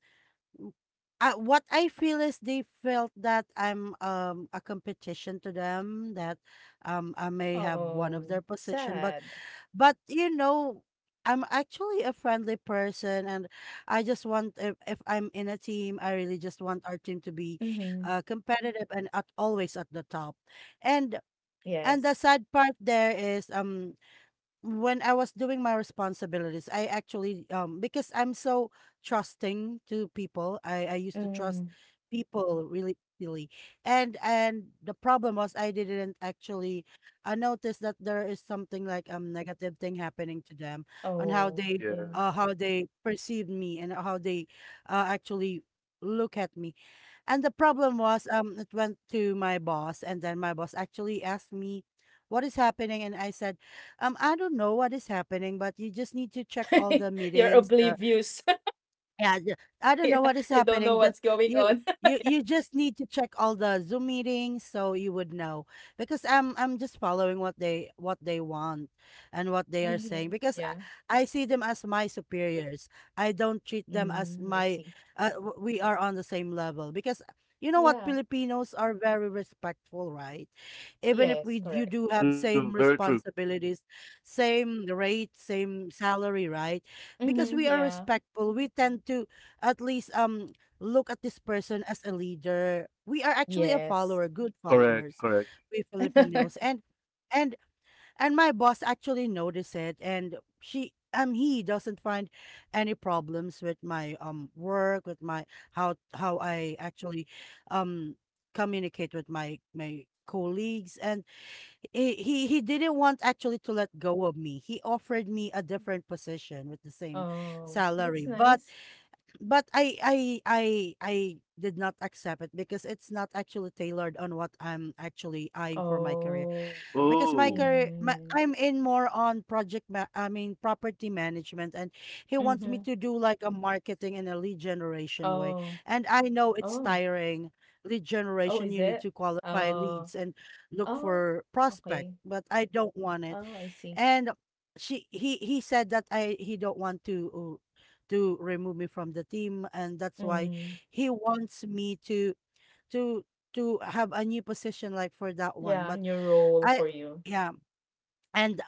[SPEAKER 1] what I feel is they felt that I'm a competition to them, that I may have one
[SPEAKER 2] Oh,
[SPEAKER 1] of their position,
[SPEAKER 2] sad.
[SPEAKER 1] but I'm actually a friendly person, and I just want, if I'm in a team I really just want our team to be
[SPEAKER 2] Mm-hmm.
[SPEAKER 1] competitive, and at always at the top. And, the
[SPEAKER 2] Yes.
[SPEAKER 1] sad part there is, when I was doing my responsibilities, I actually, because I'm so trusting to people, I used to trust
[SPEAKER 2] Mm.
[SPEAKER 1] people really easily, and, the problem was, I didn't actually I noticed that there is something like, negative thing happening to them, on how
[SPEAKER 2] Oh
[SPEAKER 1] they
[SPEAKER 3] Yeah.
[SPEAKER 2] yeah.
[SPEAKER 1] uh how they perceive me and how they, actually look at me. And the problem was, it went to my boss, and then my boss actually asked me, "What is happening?" And I said, I don't know what is happening, but you just need to check all the
[SPEAKER 2] You're
[SPEAKER 1] meetings, the,
[SPEAKER 2] oblivious.
[SPEAKER 1] yeah, the- I don't
[SPEAKER 2] Yeah.
[SPEAKER 1] know what is
[SPEAKER 2] You don't
[SPEAKER 1] happening.
[SPEAKER 2] know
[SPEAKER 1] Just
[SPEAKER 2] what's going
[SPEAKER 1] you,
[SPEAKER 2] on.
[SPEAKER 1] you just need to check all the Zoom meetings so you would know. Because I'm just following what what they want, and what they are saying.
[SPEAKER 2] Mhm.
[SPEAKER 1] Because
[SPEAKER 2] Yeah.
[SPEAKER 1] I see them as my superiors. I don't treat them as
[SPEAKER 2] Mm, I
[SPEAKER 1] my."
[SPEAKER 2] see.
[SPEAKER 1] We are on the same level. Because you know what,
[SPEAKER 2] Yeah.
[SPEAKER 1] Filipinos are very respectful, right? Even if
[SPEAKER 2] Yes,
[SPEAKER 1] you do
[SPEAKER 2] correct.
[SPEAKER 1] have
[SPEAKER 3] True,
[SPEAKER 1] same
[SPEAKER 3] very true.
[SPEAKER 1] responsibilities, same rate, same salary, right? Because we
[SPEAKER 2] Mhm.
[SPEAKER 1] are
[SPEAKER 2] Yeah.
[SPEAKER 1] respectful we tend to at least, look at this person as a leader. We are actually a follower
[SPEAKER 2] Yes.
[SPEAKER 1] good
[SPEAKER 3] Correct,
[SPEAKER 1] followers,
[SPEAKER 3] correct.
[SPEAKER 1] we Filipinos. And and and my boss actually noticed it, and she he doesn't find any problems with my, work, with my how I actually um communicate with my colleagues, and he didn't want actually to let go of me. He offered me a different position with the same
[SPEAKER 2] Oh,
[SPEAKER 1] salary,
[SPEAKER 2] that's
[SPEAKER 1] but
[SPEAKER 2] nice.
[SPEAKER 1] but I did not accept it because it's not actually tailored on what I'm actually eyeing for my career.
[SPEAKER 2] Oh.
[SPEAKER 1] Because
[SPEAKER 3] Oh,
[SPEAKER 2] Yeah.
[SPEAKER 1] I'm in more on I mean property management, and he wants me to
[SPEAKER 2] Mm-hmm.
[SPEAKER 1] do like a marketing in a lead generation way,
[SPEAKER 2] Oh.
[SPEAKER 1] and I know it's
[SPEAKER 2] Oh.
[SPEAKER 1] tiring, lead generation
[SPEAKER 2] Oh,
[SPEAKER 1] you
[SPEAKER 2] is
[SPEAKER 1] need to
[SPEAKER 2] it?
[SPEAKER 1] qualify leads
[SPEAKER 2] Oh.
[SPEAKER 1] and look
[SPEAKER 2] Oh,
[SPEAKER 1] for prospect,
[SPEAKER 2] okay.
[SPEAKER 1] but I don't want it.
[SPEAKER 2] Oh, I see.
[SPEAKER 1] And she he said that, I he don't want to, to remove me from the team, and that's why
[SPEAKER 2] Mm.
[SPEAKER 1] he wants me to to have a new position like for that one, but
[SPEAKER 2] Yeah, a new
[SPEAKER 1] I,
[SPEAKER 2] role for you.
[SPEAKER 1] yeah, and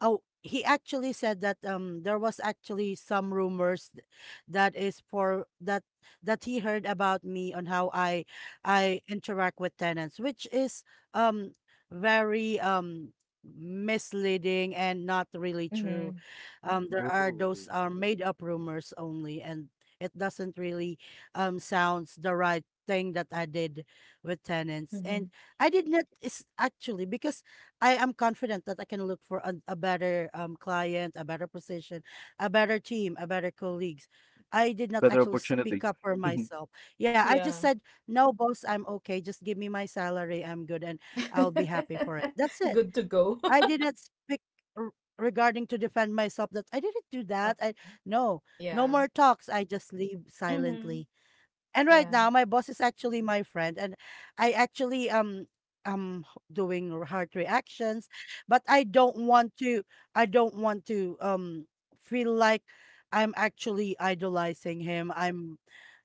[SPEAKER 1] oh, he actually said that, there was actually some rumors, th- that is for that that he heard about me, on how I interact with tenants, which is, um very, misleading and not really true.
[SPEAKER 2] Mm-hmm.
[SPEAKER 1] There
[SPEAKER 3] oh,
[SPEAKER 1] are Those are made up rumors only, and it doesn't really, sounds the right thing that I did with tenants. And
[SPEAKER 2] Mm-hmm.
[SPEAKER 1] I did not. Is actually because I am confident that I can look for a better, client, a better position, a better team, a better colleagues. I did
[SPEAKER 3] better
[SPEAKER 1] not actually
[SPEAKER 3] opportunity.
[SPEAKER 1] speak up for myself. Yeah, I just
[SPEAKER 2] Yeah.
[SPEAKER 1] said, no, boss, I'm okay. Just give me my salary. I'm good, and I'll be happy for it. That's it.
[SPEAKER 2] Good to go.
[SPEAKER 1] I did not speak, r- regarding to defend myself that I didn't do that.
[SPEAKER 2] Oh,
[SPEAKER 1] I No, no more
[SPEAKER 2] yeah.
[SPEAKER 1] talks. I just leave silently.
[SPEAKER 2] Mm-hmm.
[SPEAKER 1] And right now,
[SPEAKER 2] Yeah.
[SPEAKER 1] my boss is actually my friend, and I actually, am doing, heart reactions, but I don't want to. I don't want to, feel like I'm actually idolizing him. I'm,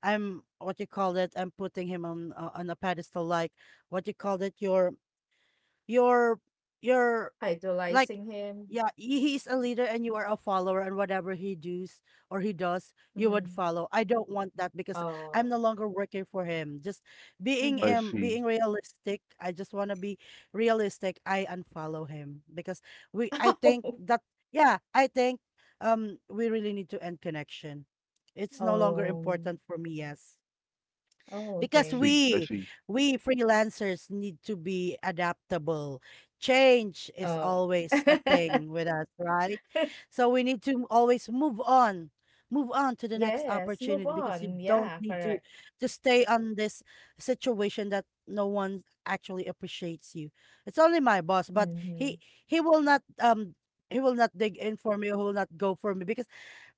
[SPEAKER 1] I'm what you call it. I'm putting him on a pedestal, like what you call it. Your your like,
[SPEAKER 2] Idolizing him?
[SPEAKER 1] yeah, he's a leader and you are a follower, and whatever he does or he does you would
[SPEAKER 2] Mhm.
[SPEAKER 1] follow. I don't want that because I'm no
[SPEAKER 2] Oh.
[SPEAKER 1] longer working for him, just
[SPEAKER 3] I
[SPEAKER 1] being um
[SPEAKER 2] Mhm.
[SPEAKER 3] see,
[SPEAKER 1] being realistic. I just want to be realistic. I unfollow him because we I think that. Yeah, I think, we really need to end connection. It's no longer important
[SPEAKER 2] Oh.
[SPEAKER 1] for me. Yes,
[SPEAKER 2] Oh,
[SPEAKER 1] because
[SPEAKER 2] okay.
[SPEAKER 3] I
[SPEAKER 1] we
[SPEAKER 3] see.
[SPEAKER 1] we freelancers need to be adaptable. Change is
[SPEAKER 2] Oh.
[SPEAKER 1] always a thing with us, right? So we need to always move on. Move on to the next
[SPEAKER 2] Yes, move
[SPEAKER 1] opportunity because you
[SPEAKER 2] on.
[SPEAKER 1] don't
[SPEAKER 2] Yeah,
[SPEAKER 1] need to
[SPEAKER 2] correct.
[SPEAKER 1] to stay on this situation that no one actually appreciates you. It's only my boss, but
[SPEAKER 2] Mhm.
[SPEAKER 1] he he will not um he will not dig in for me, he will not go for me because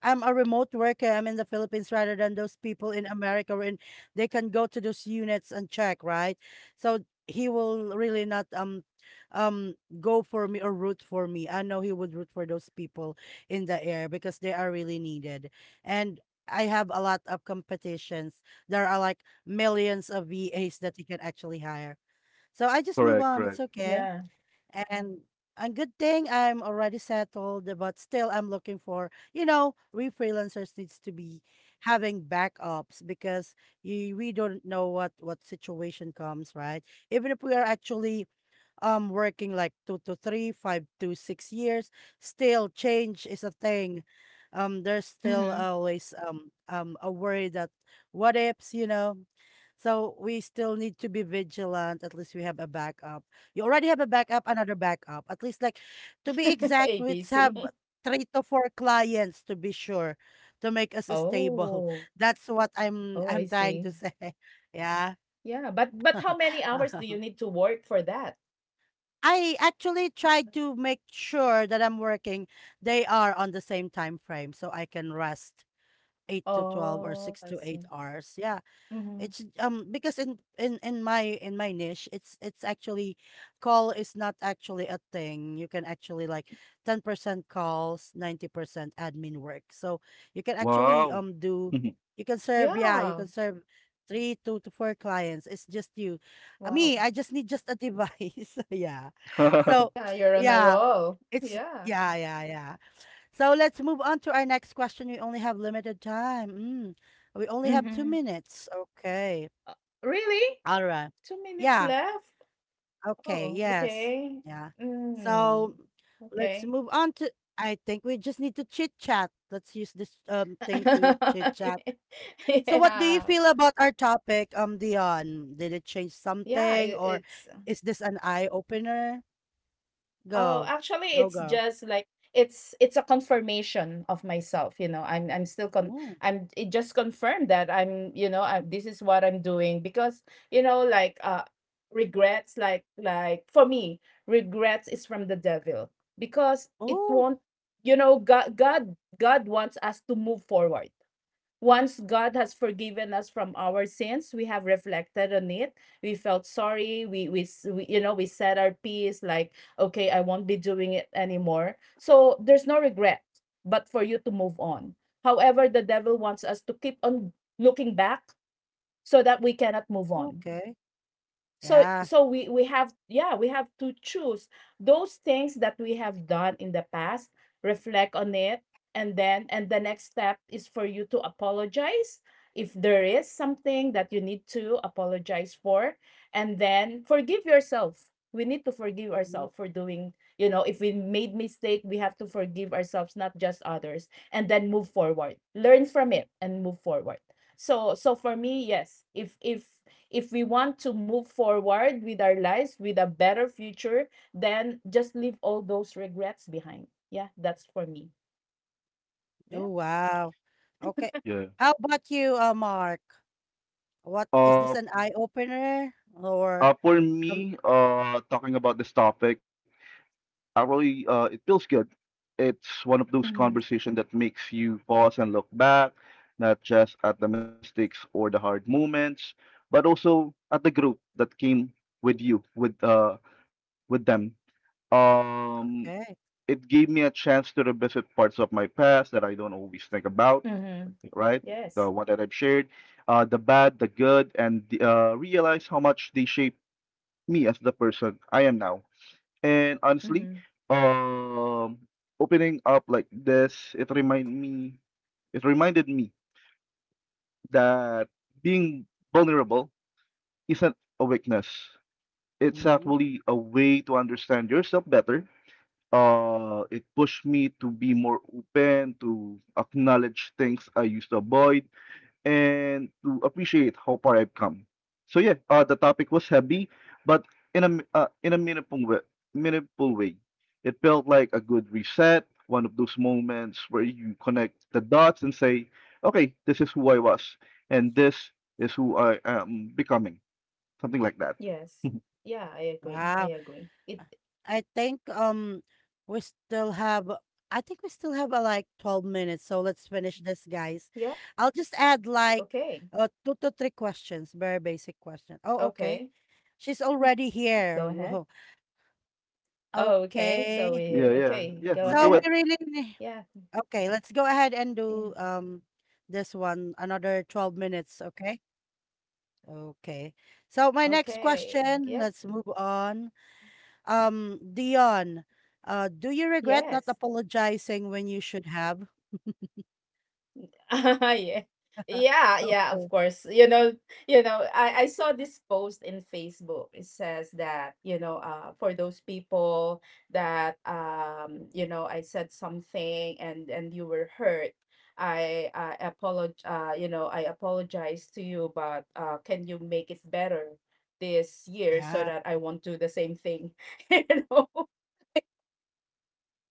[SPEAKER 1] I'm a remote worker. I'm in the Philippines rather than those people in America, or in they can go to those units and check, right? So he will really not, um go for me or root for me. I know he would root for those people in the air because they are really needed. And I have a lot of competitions. There are like millions of VAs that he can actually hire. So I just
[SPEAKER 3] Correct,
[SPEAKER 1] move on.
[SPEAKER 3] correct.
[SPEAKER 1] It's okay.
[SPEAKER 2] Yeah.
[SPEAKER 1] And a good thing I'm already settled, but still I'm looking for, we freelancers needs to be having backups because we don't know what situation comes, right? Even if we are actually working like two to three, 5 to 6 years, still change is a thing. There's still
[SPEAKER 2] Mhm.
[SPEAKER 1] always a worry that what ifs. So we still need to be vigilant. At least we have a backup. You already have a backup, another backup. At least, like, to be exact, we have
[SPEAKER 2] ABC.
[SPEAKER 1] three to four clients to be sure to make us stable.
[SPEAKER 2] Oh.
[SPEAKER 1] That's what I'm
[SPEAKER 2] Oh,
[SPEAKER 1] I'm
[SPEAKER 2] I
[SPEAKER 1] trying
[SPEAKER 2] see.
[SPEAKER 1] to say. Yeah.
[SPEAKER 2] Yeah, but how many hours do you need to work for that?
[SPEAKER 1] I actually try to make sure that I'm working. They are on the same time frame, so I can rest 8 to 12 or
[SPEAKER 2] Oh,
[SPEAKER 1] six
[SPEAKER 2] I
[SPEAKER 1] to eight
[SPEAKER 2] see.
[SPEAKER 1] hours. Yeah.
[SPEAKER 2] Mhm.
[SPEAKER 1] It's because in my niche, it's actually, call is not actually a thing. You can actually like 10% calls, 90% admin work. So you can actually
[SPEAKER 3] Wow.
[SPEAKER 1] um do you can serve, yeah, you can
[SPEAKER 2] Yeah.
[SPEAKER 1] serve three, two to four clients. It's just you. Me,
[SPEAKER 2] Wow.
[SPEAKER 1] I just need just a device. Yeah. So
[SPEAKER 2] Yeah, you're on a
[SPEAKER 1] yeah,
[SPEAKER 2] roll.
[SPEAKER 1] it's
[SPEAKER 2] Yeah.
[SPEAKER 1] yeah, yeah, yeah. So let's move on to our next question. We only have limited time. Mm. We only have two
[SPEAKER 2] Mhm.
[SPEAKER 1] minutes. Okay.
[SPEAKER 2] Uh, really?
[SPEAKER 1] All right.
[SPEAKER 2] 2 minutes
[SPEAKER 1] Yeah.
[SPEAKER 2] left?
[SPEAKER 1] Okay.
[SPEAKER 2] Oh,
[SPEAKER 1] Yes.
[SPEAKER 2] okay.
[SPEAKER 1] Yeah.
[SPEAKER 2] Mm,
[SPEAKER 1] So let's
[SPEAKER 2] okay.
[SPEAKER 1] move on to. I think we just need to chit chat. Let's use this thing to chit chat. So, what do you
[SPEAKER 2] Yeah.
[SPEAKER 1] feel about our topic, Dion? Did it change
[SPEAKER 2] Yeah, I
[SPEAKER 1] something, or
[SPEAKER 2] it's.
[SPEAKER 1] is this an eye opener?
[SPEAKER 2] Oh,
[SPEAKER 1] Go,
[SPEAKER 2] actually, it's
[SPEAKER 1] go, girl.
[SPEAKER 2] just like, it's a confirmation of myself. You know, I'm still con,
[SPEAKER 1] Oh,
[SPEAKER 2] I'm, it just confirmed that I'm, you know, I, this is what I'm doing because, you know, like regrets, like for me, regrets is from the devil, because it
[SPEAKER 1] oh,
[SPEAKER 2] won't, you know, God wants us to move forward. Once God has forgiven us from our sins, we have reflected on it. We felt sorry. We, you know, we said our piece like, okay, I won't be doing it anymore. So there's no regret, but for you to move on. However, the devil wants us to keep on looking back so that we cannot move on.
[SPEAKER 1] okay.
[SPEAKER 2] So
[SPEAKER 1] Yeah.
[SPEAKER 2] we have, yeah, we have to choose those things that we have done in the past, reflect on it, and then, and the next step is for you to apologize if there is something that you need to apologize for, and then forgive yourself. We need to forgive
[SPEAKER 1] Mhm.
[SPEAKER 2] ourselves for doing, you know, if we made mistake, we have to forgive ourselves, not just others, and then move forward, learn from it, and move forward. So for me, yes, if if we want to move forward with our lives with a better future, then just leave all those regrets behind. Yeah, that's for me.
[SPEAKER 1] Oh,
[SPEAKER 2] Yeah.
[SPEAKER 1] wow. Okay.
[SPEAKER 3] Yeah.
[SPEAKER 1] How about you, Mark? What is this,
[SPEAKER 3] Uh,
[SPEAKER 1] an eye opener or?
[SPEAKER 3] uh, for
[SPEAKER 1] um,
[SPEAKER 3] me, uh, talking about this topic, it feels good. It's one of those
[SPEAKER 2] Mm-hmm.
[SPEAKER 3] conversations that makes you pause and look back, not just at the mistakes or the hard moments, but also at the group that came with you, with them. Um,
[SPEAKER 1] Okay.
[SPEAKER 3] it gave me a chance to revisit parts of my past that I don't always think about,
[SPEAKER 2] Mm-hmm.
[SPEAKER 3] right?
[SPEAKER 2] Yes.
[SPEAKER 3] The one that I've shared, the bad, the good, and realize how much they shaped me as the person I am now. And honestly,
[SPEAKER 2] Mm-hmm.
[SPEAKER 3] um, opening up like this, it reminded me that being vulnerable isn't a weakness. It's
[SPEAKER 1] Mhm.
[SPEAKER 3] actually a way to understand yourself better. It pushed me to be more open, to acknowledge things I used to avoid, and to appreciate how far I've come. So yeah, the topic was heavy, but in a m- in a meaningful way, it felt like a good reset. One of those moments where you connect the dots and say, "Okay, this is who I was, and this is who I am becoming." Something like that.
[SPEAKER 2] Yes. Yeah, I agree. I
[SPEAKER 1] Wow.
[SPEAKER 2] agree.
[SPEAKER 1] Uh,
[SPEAKER 2] It.
[SPEAKER 1] I think, we still have I think we still have, like 12 minutes, so let's finish this, guys.
[SPEAKER 2] Yeah.
[SPEAKER 1] I'll just add, like,
[SPEAKER 2] Okay.
[SPEAKER 1] two to three questions, very basic question. Oh,
[SPEAKER 2] Okay.
[SPEAKER 1] okay. She's
[SPEAKER 2] Mm.
[SPEAKER 1] already
[SPEAKER 2] Go
[SPEAKER 1] here.
[SPEAKER 2] ahead.
[SPEAKER 1] Whoa.
[SPEAKER 2] Oh, okay. So
[SPEAKER 1] Okay.
[SPEAKER 2] we.
[SPEAKER 3] Yeah, yeah,
[SPEAKER 2] Okay. Go
[SPEAKER 3] yeah. Let's
[SPEAKER 1] So
[SPEAKER 2] ahead.
[SPEAKER 3] do it.
[SPEAKER 1] we really ne-
[SPEAKER 2] Yeah.
[SPEAKER 1] Okay, let's go ahead and do
[SPEAKER 2] Yeah.
[SPEAKER 1] this one another 12 minutes, okay? Okay. So my next
[SPEAKER 2] Okay.
[SPEAKER 1] question,
[SPEAKER 2] Yep.
[SPEAKER 1] let's move on. Dion, do you regret not
[SPEAKER 2] Yes.
[SPEAKER 1] apologizing when you should have?
[SPEAKER 2] Yeah. Yeah, yeah, of
[SPEAKER 1] Okay.
[SPEAKER 2] course. You know, I saw this post in Facebook. It says that, you know, for those people that you know, I said something and you were hurt. I apologize, you know, I apologize to you, but can you make it better this year so
[SPEAKER 1] Yeah.
[SPEAKER 2] that I won't do the same thing? You know.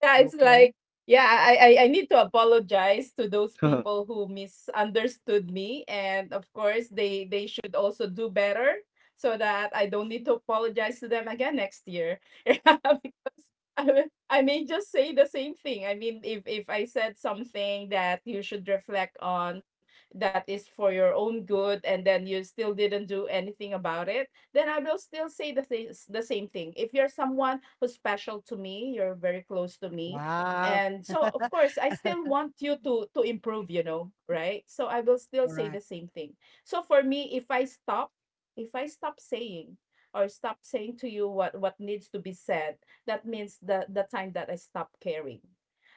[SPEAKER 2] Yeah, it's
[SPEAKER 1] Okay.
[SPEAKER 2] like, yeah, I need to apologize to those
[SPEAKER 3] I
[SPEAKER 2] people who misunderstood me, and of course, they should also do better so that I don't need to apologize to them again next year. Yeah, because I, I may just say the same thing. I mean, if I said something that you should reflect on, that is for your own good, and then you still didn't do anything about it, then I will still say the same thing. If you're someone who's special to me, you're very close to me.
[SPEAKER 1] Wow.
[SPEAKER 2] And so of course I still want you to improve, you know, right? So I will still say the
[SPEAKER 1] Correct.
[SPEAKER 2] same thing. So for me, if I stop saying or stop saying to you what needs to be said, that means the time that I stop caring.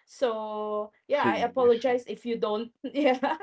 [SPEAKER 2] So yeah,
[SPEAKER 3] see.
[SPEAKER 2] I apologize if you don't. Yeah,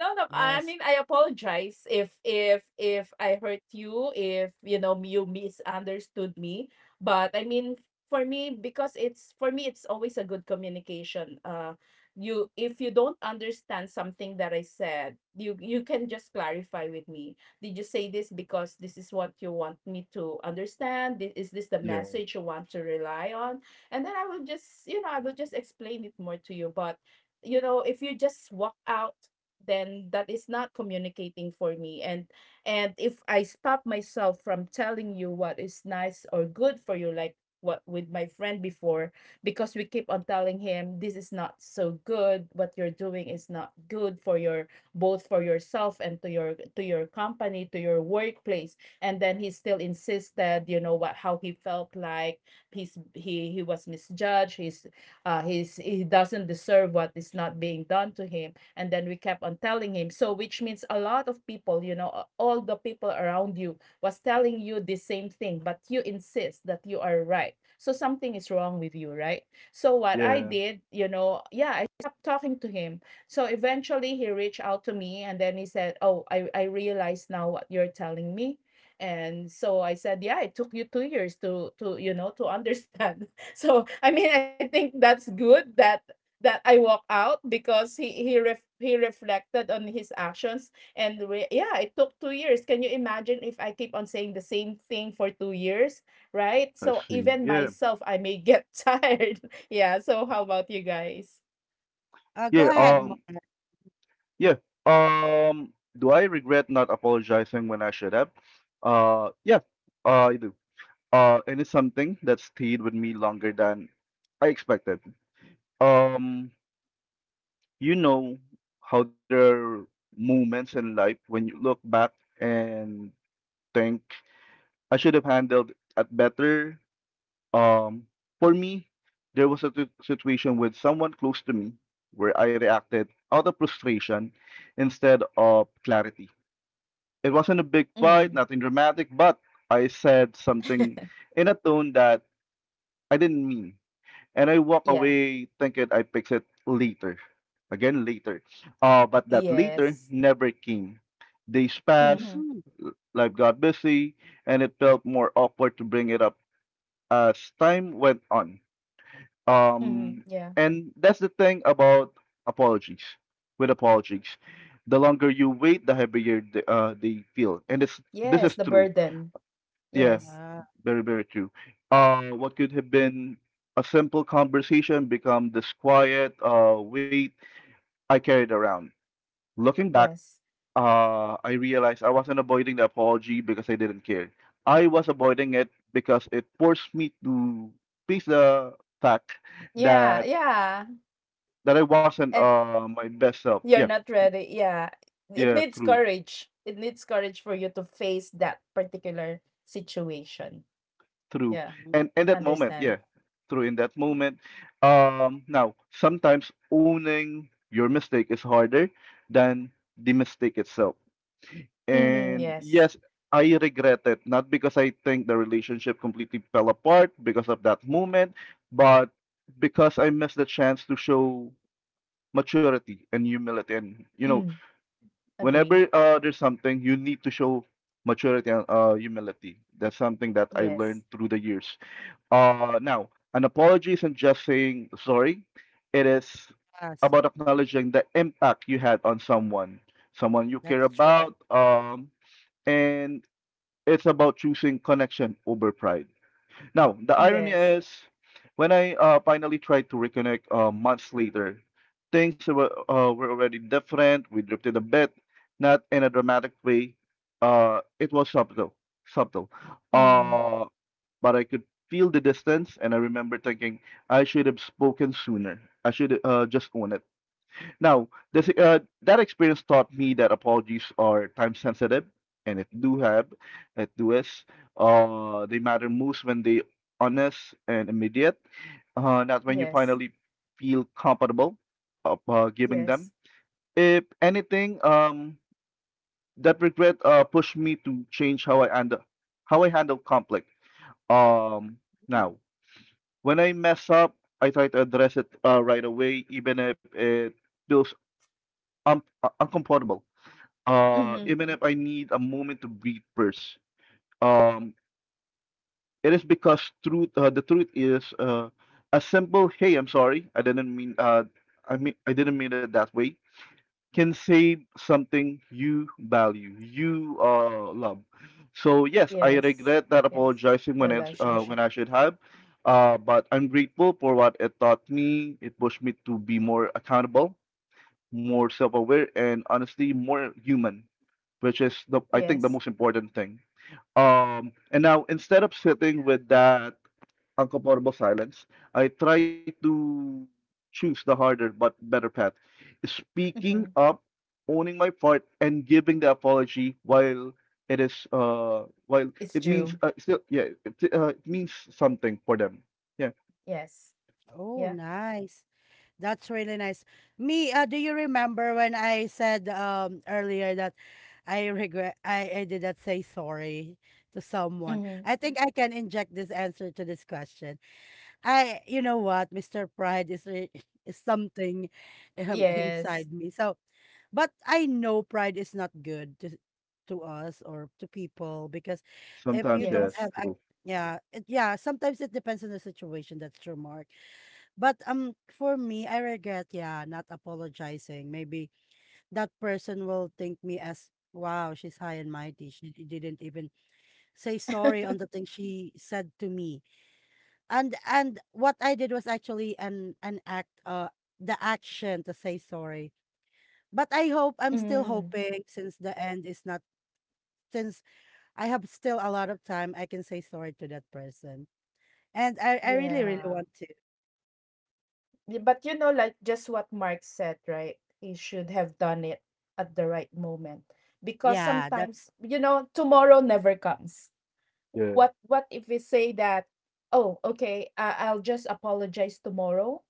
[SPEAKER 2] no, no, I
[SPEAKER 1] Yes.
[SPEAKER 2] mean, I apologize if I hurt you, if, you know, you misunderstood me. But I mean, for me, because it's for me, it's always a good communication. You, if you don't understand something that I said, you can just clarify with me. Did you say this because this is what you want me to understand? Is this the
[SPEAKER 3] Yeah,
[SPEAKER 2] message you want to rely on? And then I will just, I will just explain it more to you. But if you just walk out, then that is not communicating for me. And if I stop myself from telling you what is nice or good for you, like what with my friend before, because we keep on telling him, this is not so good, what you're doing is not good for your, both for yourself and to your company, to your workplace. And then he still insisted, what, how he felt, like he was misjudged. He doesn't deserve what is not being done to him. And then we kept on telling him. So which means a lot of people, all the people around you was telling you the same thing, but you insist that you are right. So something is wrong with you, right? So what I
[SPEAKER 3] yeah.
[SPEAKER 2] did, yeah, I stopped talking to him. So eventually he reached out to me, and then he said, oh, I realize now what you're telling me. And so I said, yeah, it took you 2 years to to understand. So I mean, I think that's good that I walk out, because he reflected on his actions. And yeah, it took 2 years. Can you imagine if I keep on saying the same thing for 2 years? Right?
[SPEAKER 3] I
[SPEAKER 2] So
[SPEAKER 3] see.
[SPEAKER 2] even
[SPEAKER 3] Yeah,
[SPEAKER 2] myself, I may get tired. Yeah, so how about you guys?
[SPEAKER 3] yeah.
[SPEAKER 1] Go ahead,
[SPEAKER 2] Yeah.
[SPEAKER 1] Mark.
[SPEAKER 3] Yeah. Do I regret not apologizing when I should have? Yeah, I do. And it's something that stayed with me longer than I expected. Um, you know how there are moments in life when you look back and think I should have handled it better. Um, for me, there was a situation with someone close to me where I reacted out of frustration instead of clarity. It wasn't a big fight,
[SPEAKER 2] Mm.
[SPEAKER 3] nothing dramatic, but I said something in a tone that I didn't mean. And I walk
[SPEAKER 2] Yeah.
[SPEAKER 3] away thinking I fix it later. Again, later. But that later
[SPEAKER 2] Yes.
[SPEAKER 3] never came. Days passed,
[SPEAKER 2] Mhm.
[SPEAKER 1] Mm,
[SPEAKER 3] life got busy, and it felt more awkward to bring it up as time went on.
[SPEAKER 2] Mhm.
[SPEAKER 3] Um,
[SPEAKER 2] Yeah.
[SPEAKER 3] and that's the thing about apologies. With apologies, the longer you wait, the heavier they feel. And it's, this
[SPEAKER 2] Yes,
[SPEAKER 3] is
[SPEAKER 2] the
[SPEAKER 3] true
[SPEAKER 2] burden.
[SPEAKER 3] yeah,
[SPEAKER 2] Yes.
[SPEAKER 1] yeah,
[SPEAKER 3] very, very true. What could have been a simple conversation become this quiet weight I carried around. Looking back,
[SPEAKER 2] Yes.
[SPEAKER 3] I realized I wasn't avoiding the apology because I didn't care. I was avoiding it because it forced me to face the fact
[SPEAKER 2] Yeah,
[SPEAKER 3] that
[SPEAKER 2] yeah.
[SPEAKER 3] that I wasn't
[SPEAKER 2] and
[SPEAKER 3] uh, my best self. Yeah,
[SPEAKER 2] You're not ready. Yeah. It
[SPEAKER 3] yeah,
[SPEAKER 2] needs
[SPEAKER 3] true.
[SPEAKER 2] courage. It needs courage for you to face that particular situation.
[SPEAKER 3] True.
[SPEAKER 2] Yeah.
[SPEAKER 1] mm,
[SPEAKER 3] And in that moment,
[SPEAKER 2] Understand.
[SPEAKER 3] yeah, true. In that moment, now sometimes owning your mistake is harder than the mistake itself.
[SPEAKER 2] Mm,
[SPEAKER 3] And
[SPEAKER 2] yes.
[SPEAKER 3] yes, I regret it, not because I think the relationship completely fell apart because of that moment, but because I missed the chance to show maturity and humility. And you know,
[SPEAKER 2] Mm, agree.
[SPEAKER 3] whenever there's something you need to show maturity and humility. That's something that I learned
[SPEAKER 2] Yes.
[SPEAKER 3] through the years now, an apology isn't just saying sorry, it is
[SPEAKER 1] yes,
[SPEAKER 3] about acknowledging the impact you had on someone, someone you care
[SPEAKER 1] that's true.
[SPEAKER 3] about, and it's about choosing connection over pride. Now, the irony
[SPEAKER 2] Yes.
[SPEAKER 3] is, when I finally tried to reconnect months later, things were already different. We drifted a bit, not in a dramatic way. It was subtle.
[SPEAKER 2] Mm-hmm.
[SPEAKER 3] Uh, but I could feel the distance, and I remember thinking I should have spoken sooner. I should just own it. Now, this that experience taught me that apologies are time sensitive, and it do have, it do is, they matter most when they honest and immediate, not when you
[SPEAKER 2] Yes.
[SPEAKER 3] finally feel comfortable of giving them.
[SPEAKER 2] Yes.
[SPEAKER 3] If anything, that regret pushed me to change how I handle conflict. Um,
[SPEAKER 1] Mm.
[SPEAKER 3] now. When I mess up, I try to address it right away, even if it feels uncomfortable.
[SPEAKER 2] Mm-hmm.
[SPEAKER 3] Even if I need a moment to breathe first. Um, it is because truth. The truth is a simple "Hey, I'm sorry. I didn't mean it that way." can save something you value, you love. So yes, I
[SPEAKER 2] Yes.
[SPEAKER 3] regret that
[SPEAKER 2] Yes.
[SPEAKER 3] apologizing when it when
[SPEAKER 2] Relationship.
[SPEAKER 3] I should have, but I'm grateful for what it taught me. It pushed me to be more accountable, more self-aware, and honestly, more human, which is the I think the
[SPEAKER 2] Yes.
[SPEAKER 3] most important thing. And now instead of sitting with that uncomfortable silence. I try to choose the harder but better path. Speaking
[SPEAKER 2] Mm-hmm.
[SPEAKER 3] up, owning my part, and giving the apology while it is while
[SPEAKER 2] It's
[SPEAKER 3] it means
[SPEAKER 2] due.
[SPEAKER 3] still yeah it means something for them. Yeah,
[SPEAKER 2] Yes.
[SPEAKER 1] Oh,
[SPEAKER 2] Yeah.
[SPEAKER 1] nice. That's really nice. Me, do you remember when I said earlier that I regret I did not say sorry to someone?
[SPEAKER 2] Mm-hmm.
[SPEAKER 1] I think I can inject this answer to this question. I you know what, Mr. Pride is something,
[SPEAKER 2] Yes.
[SPEAKER 1] inside me. So, but I know pride is not good to us or to people because if you
[SPEAKER 3] sometimes
[SPEAKER 1] don't
[SPEAKER 2] Yes.
[SPEAKER 3] yes,
[SPEAKER 1] have
[SPEAKER 3] true.
[SPEAKER 1] yeah, it, yeah, sometimes it depends on the situation, that's true, Mark. But for me, I regret, yeah, not apologizing. Maybe that person will think me as, wow, she's high and mighty. She didn't even say sorry on the thing she said to me, and what I did was actually an act, the action to say sorry. But I hope, I'm still
[SPEAKER 2] Mm,
[SPEAKER 1] hoping, since the end is not, since I have still a lot of time, I can say sorry to that person. And I really, really
[SPEAKER 2] yeah.
[SPEAKER 1] want to.
[SPEAKER 2] Yeah, but like just what Mark said, right? He should have done it at the right moment, because
[SPEAKER 1] Yeah, that's
[SPEAKER 2] sometimes, tomorrow never comes.
[SPEAKER 3] Yeah.
[SPEAKER 2] What if we say that, oh, okay, I'll just apologize tomorrow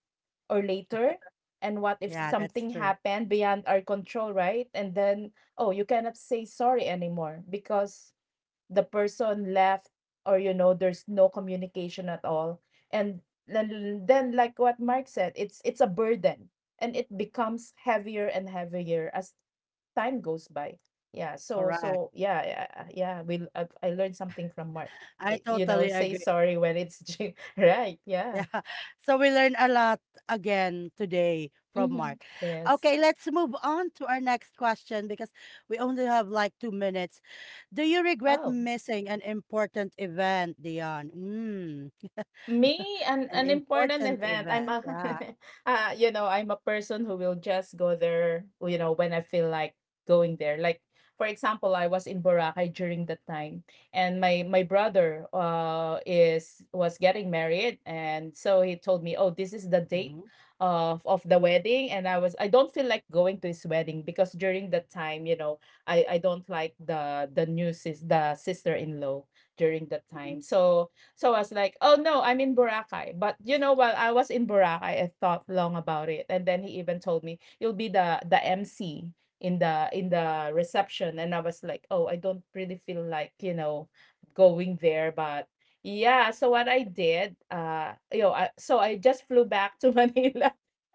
[SPEAKER 2] or later? And what if
[SPEAKER 1] yeah,
[SPEAKER 2] something
[SPEAKER 1] that's true.
[SPEAKER 2] happened beyond our control, right? And then, oh, you cannot say sorry anymore, because the person left, or there's no communication at all. And then, like what Mark said, it's a burden, and it becomes heavier and heavier as time goes by. Yeah. so
[SPEAKER 1] Correct.
[SPEAKER 2] so yeah, yeah, yeah, we I learned something from Mark.
[SPEAKER 1] I
[SPEAKER 2] It, you
[SPEAKER 1] totally
[SPEAKER 2] know Say
[SPEAKER 1] agree.
[SPEAKER 2] sorry when it's due. Right.
[SPEAKER 1] Yeah.
[SPEAKER 2] Yeah.
[SPEAKER 1] So we learned a lot again today from
[SPEAKER 2] Mm-hmm.
[SPEAKER 1] Mark.
[SPEAKER 2] Yes.
[SPEAKER 1] Okay, let's move on to our next question because we only have like 2 minutes. Do you regret
[SPEAKER 2] Oh.
[SPEAKER 1] missing an important event, Dion? Mm.
[SPEAKER 2] Me,
[SPEAKER 1] An
[SPEAKER 2] an important
[SPEAKER 1] important
[SPEAKER 2] event.
[SPEAKER 1] event. Yeah.
[SPEAKER 2] I'm a person who will just go there, when I feel like going there. Like, for example, I was in Boracay during that time, and my brother is was getting married, and so he told me, oh, this is the date
[SPEAKER 1] Hmm.
[SPEAKER 2] of the wedding. And I don't feel like going to his wedding because during that time, I don't like the new sister in law during that time, so. So I was like, "Oh no, I'm in Boracay." But while I was in Boracay, I thought long about it, and then he even told me, "You'll be the MC in the reception." And I was like, "Oh, I don't really feel like going there, but." Yeah, so what I did, so I just flew back to Manila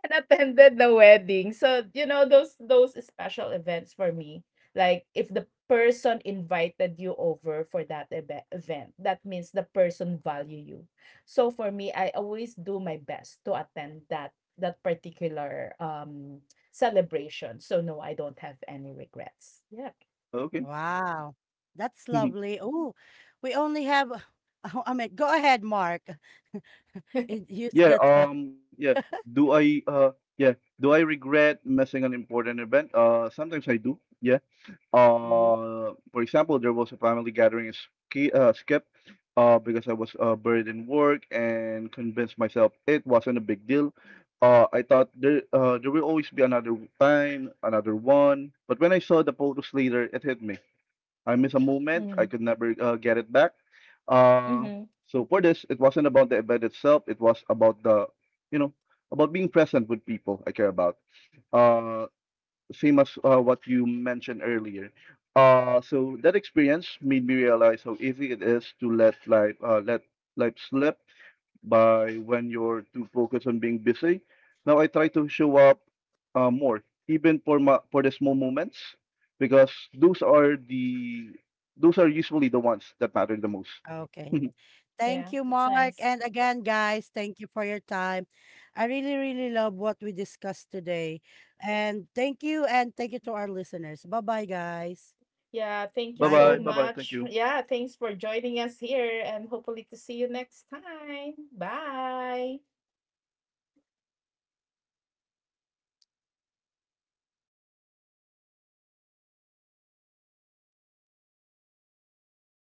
[SPEAKER 2] and attended the wedding. So, those special events for me. Like if the person invited you over for that event, that means the person value you. So for me, I always do my best to attend that particular celebration. So no, I don't have any regrets. Yeah.
[SPEAKER 3] Okay.
[SPEAKER 1] Wow. That's lovely. Oh, we only have, I mean, go ahead, Mark. Use
[SPEAKER 3] Yeah.
[SPEAKER 1] the time.
[SPEAKER 3] Yeah. Do I uh yeah Do I regret missing an important event? Sometimes I do. Yeah.
[SPEAKER 1] Mhm.
[SPEAKER 3] For example, there was a family gathering is ski skip because I was buried in work and convinced myself it wasn't a big deal. I thought there there will always be another time, another one. But when I saw the photos later, it hit me. I missed a moment. I
[SPEAKER 2] Mm.
[SPEAKER 3] could never get it back. Uh,
[SPEAKER 2] Mm-hmm.
[SPEAKER 3] so for this, it wasn't about the event itself. It was about the, you know, about being present with people I care about. Uh, same as what you mentioned earlier. So that experience made me realize how easy it is to let life slip by when you're too focused on being busy. Now I try to show up more, even for my, for the small moments, because those are the those are usually the ones that matter the most.
[SPEAKER 1] Okay.
[SPEAKER 3] bye
[SPEAKER 2] Yeah,
[SPEAKER 1] Thank you,
[SPEAKER 2] that's
[SPEAKER 1] Mark.
[SPEAKER 2] nice.
[SPEAKER 1] And again, guys, thank you for your time. I really, really love what we discussed today. And thank you to our listeners. Bye bye, guys.
[SPEAKER 2] Yeah, thank you
[SPEAKER 1] Bye,
[SPEAKER 2] so
[SPEAKER 3] Bye, bye
[SPEAKER 1] guys.
[SPEAKER 3] bye. Thank
[SPEAKER 2] much.
[SPEAKER 3] you.
[SPEAKER 2] Yeah, thanks for joining us here and hopefully to see you next time. Bye.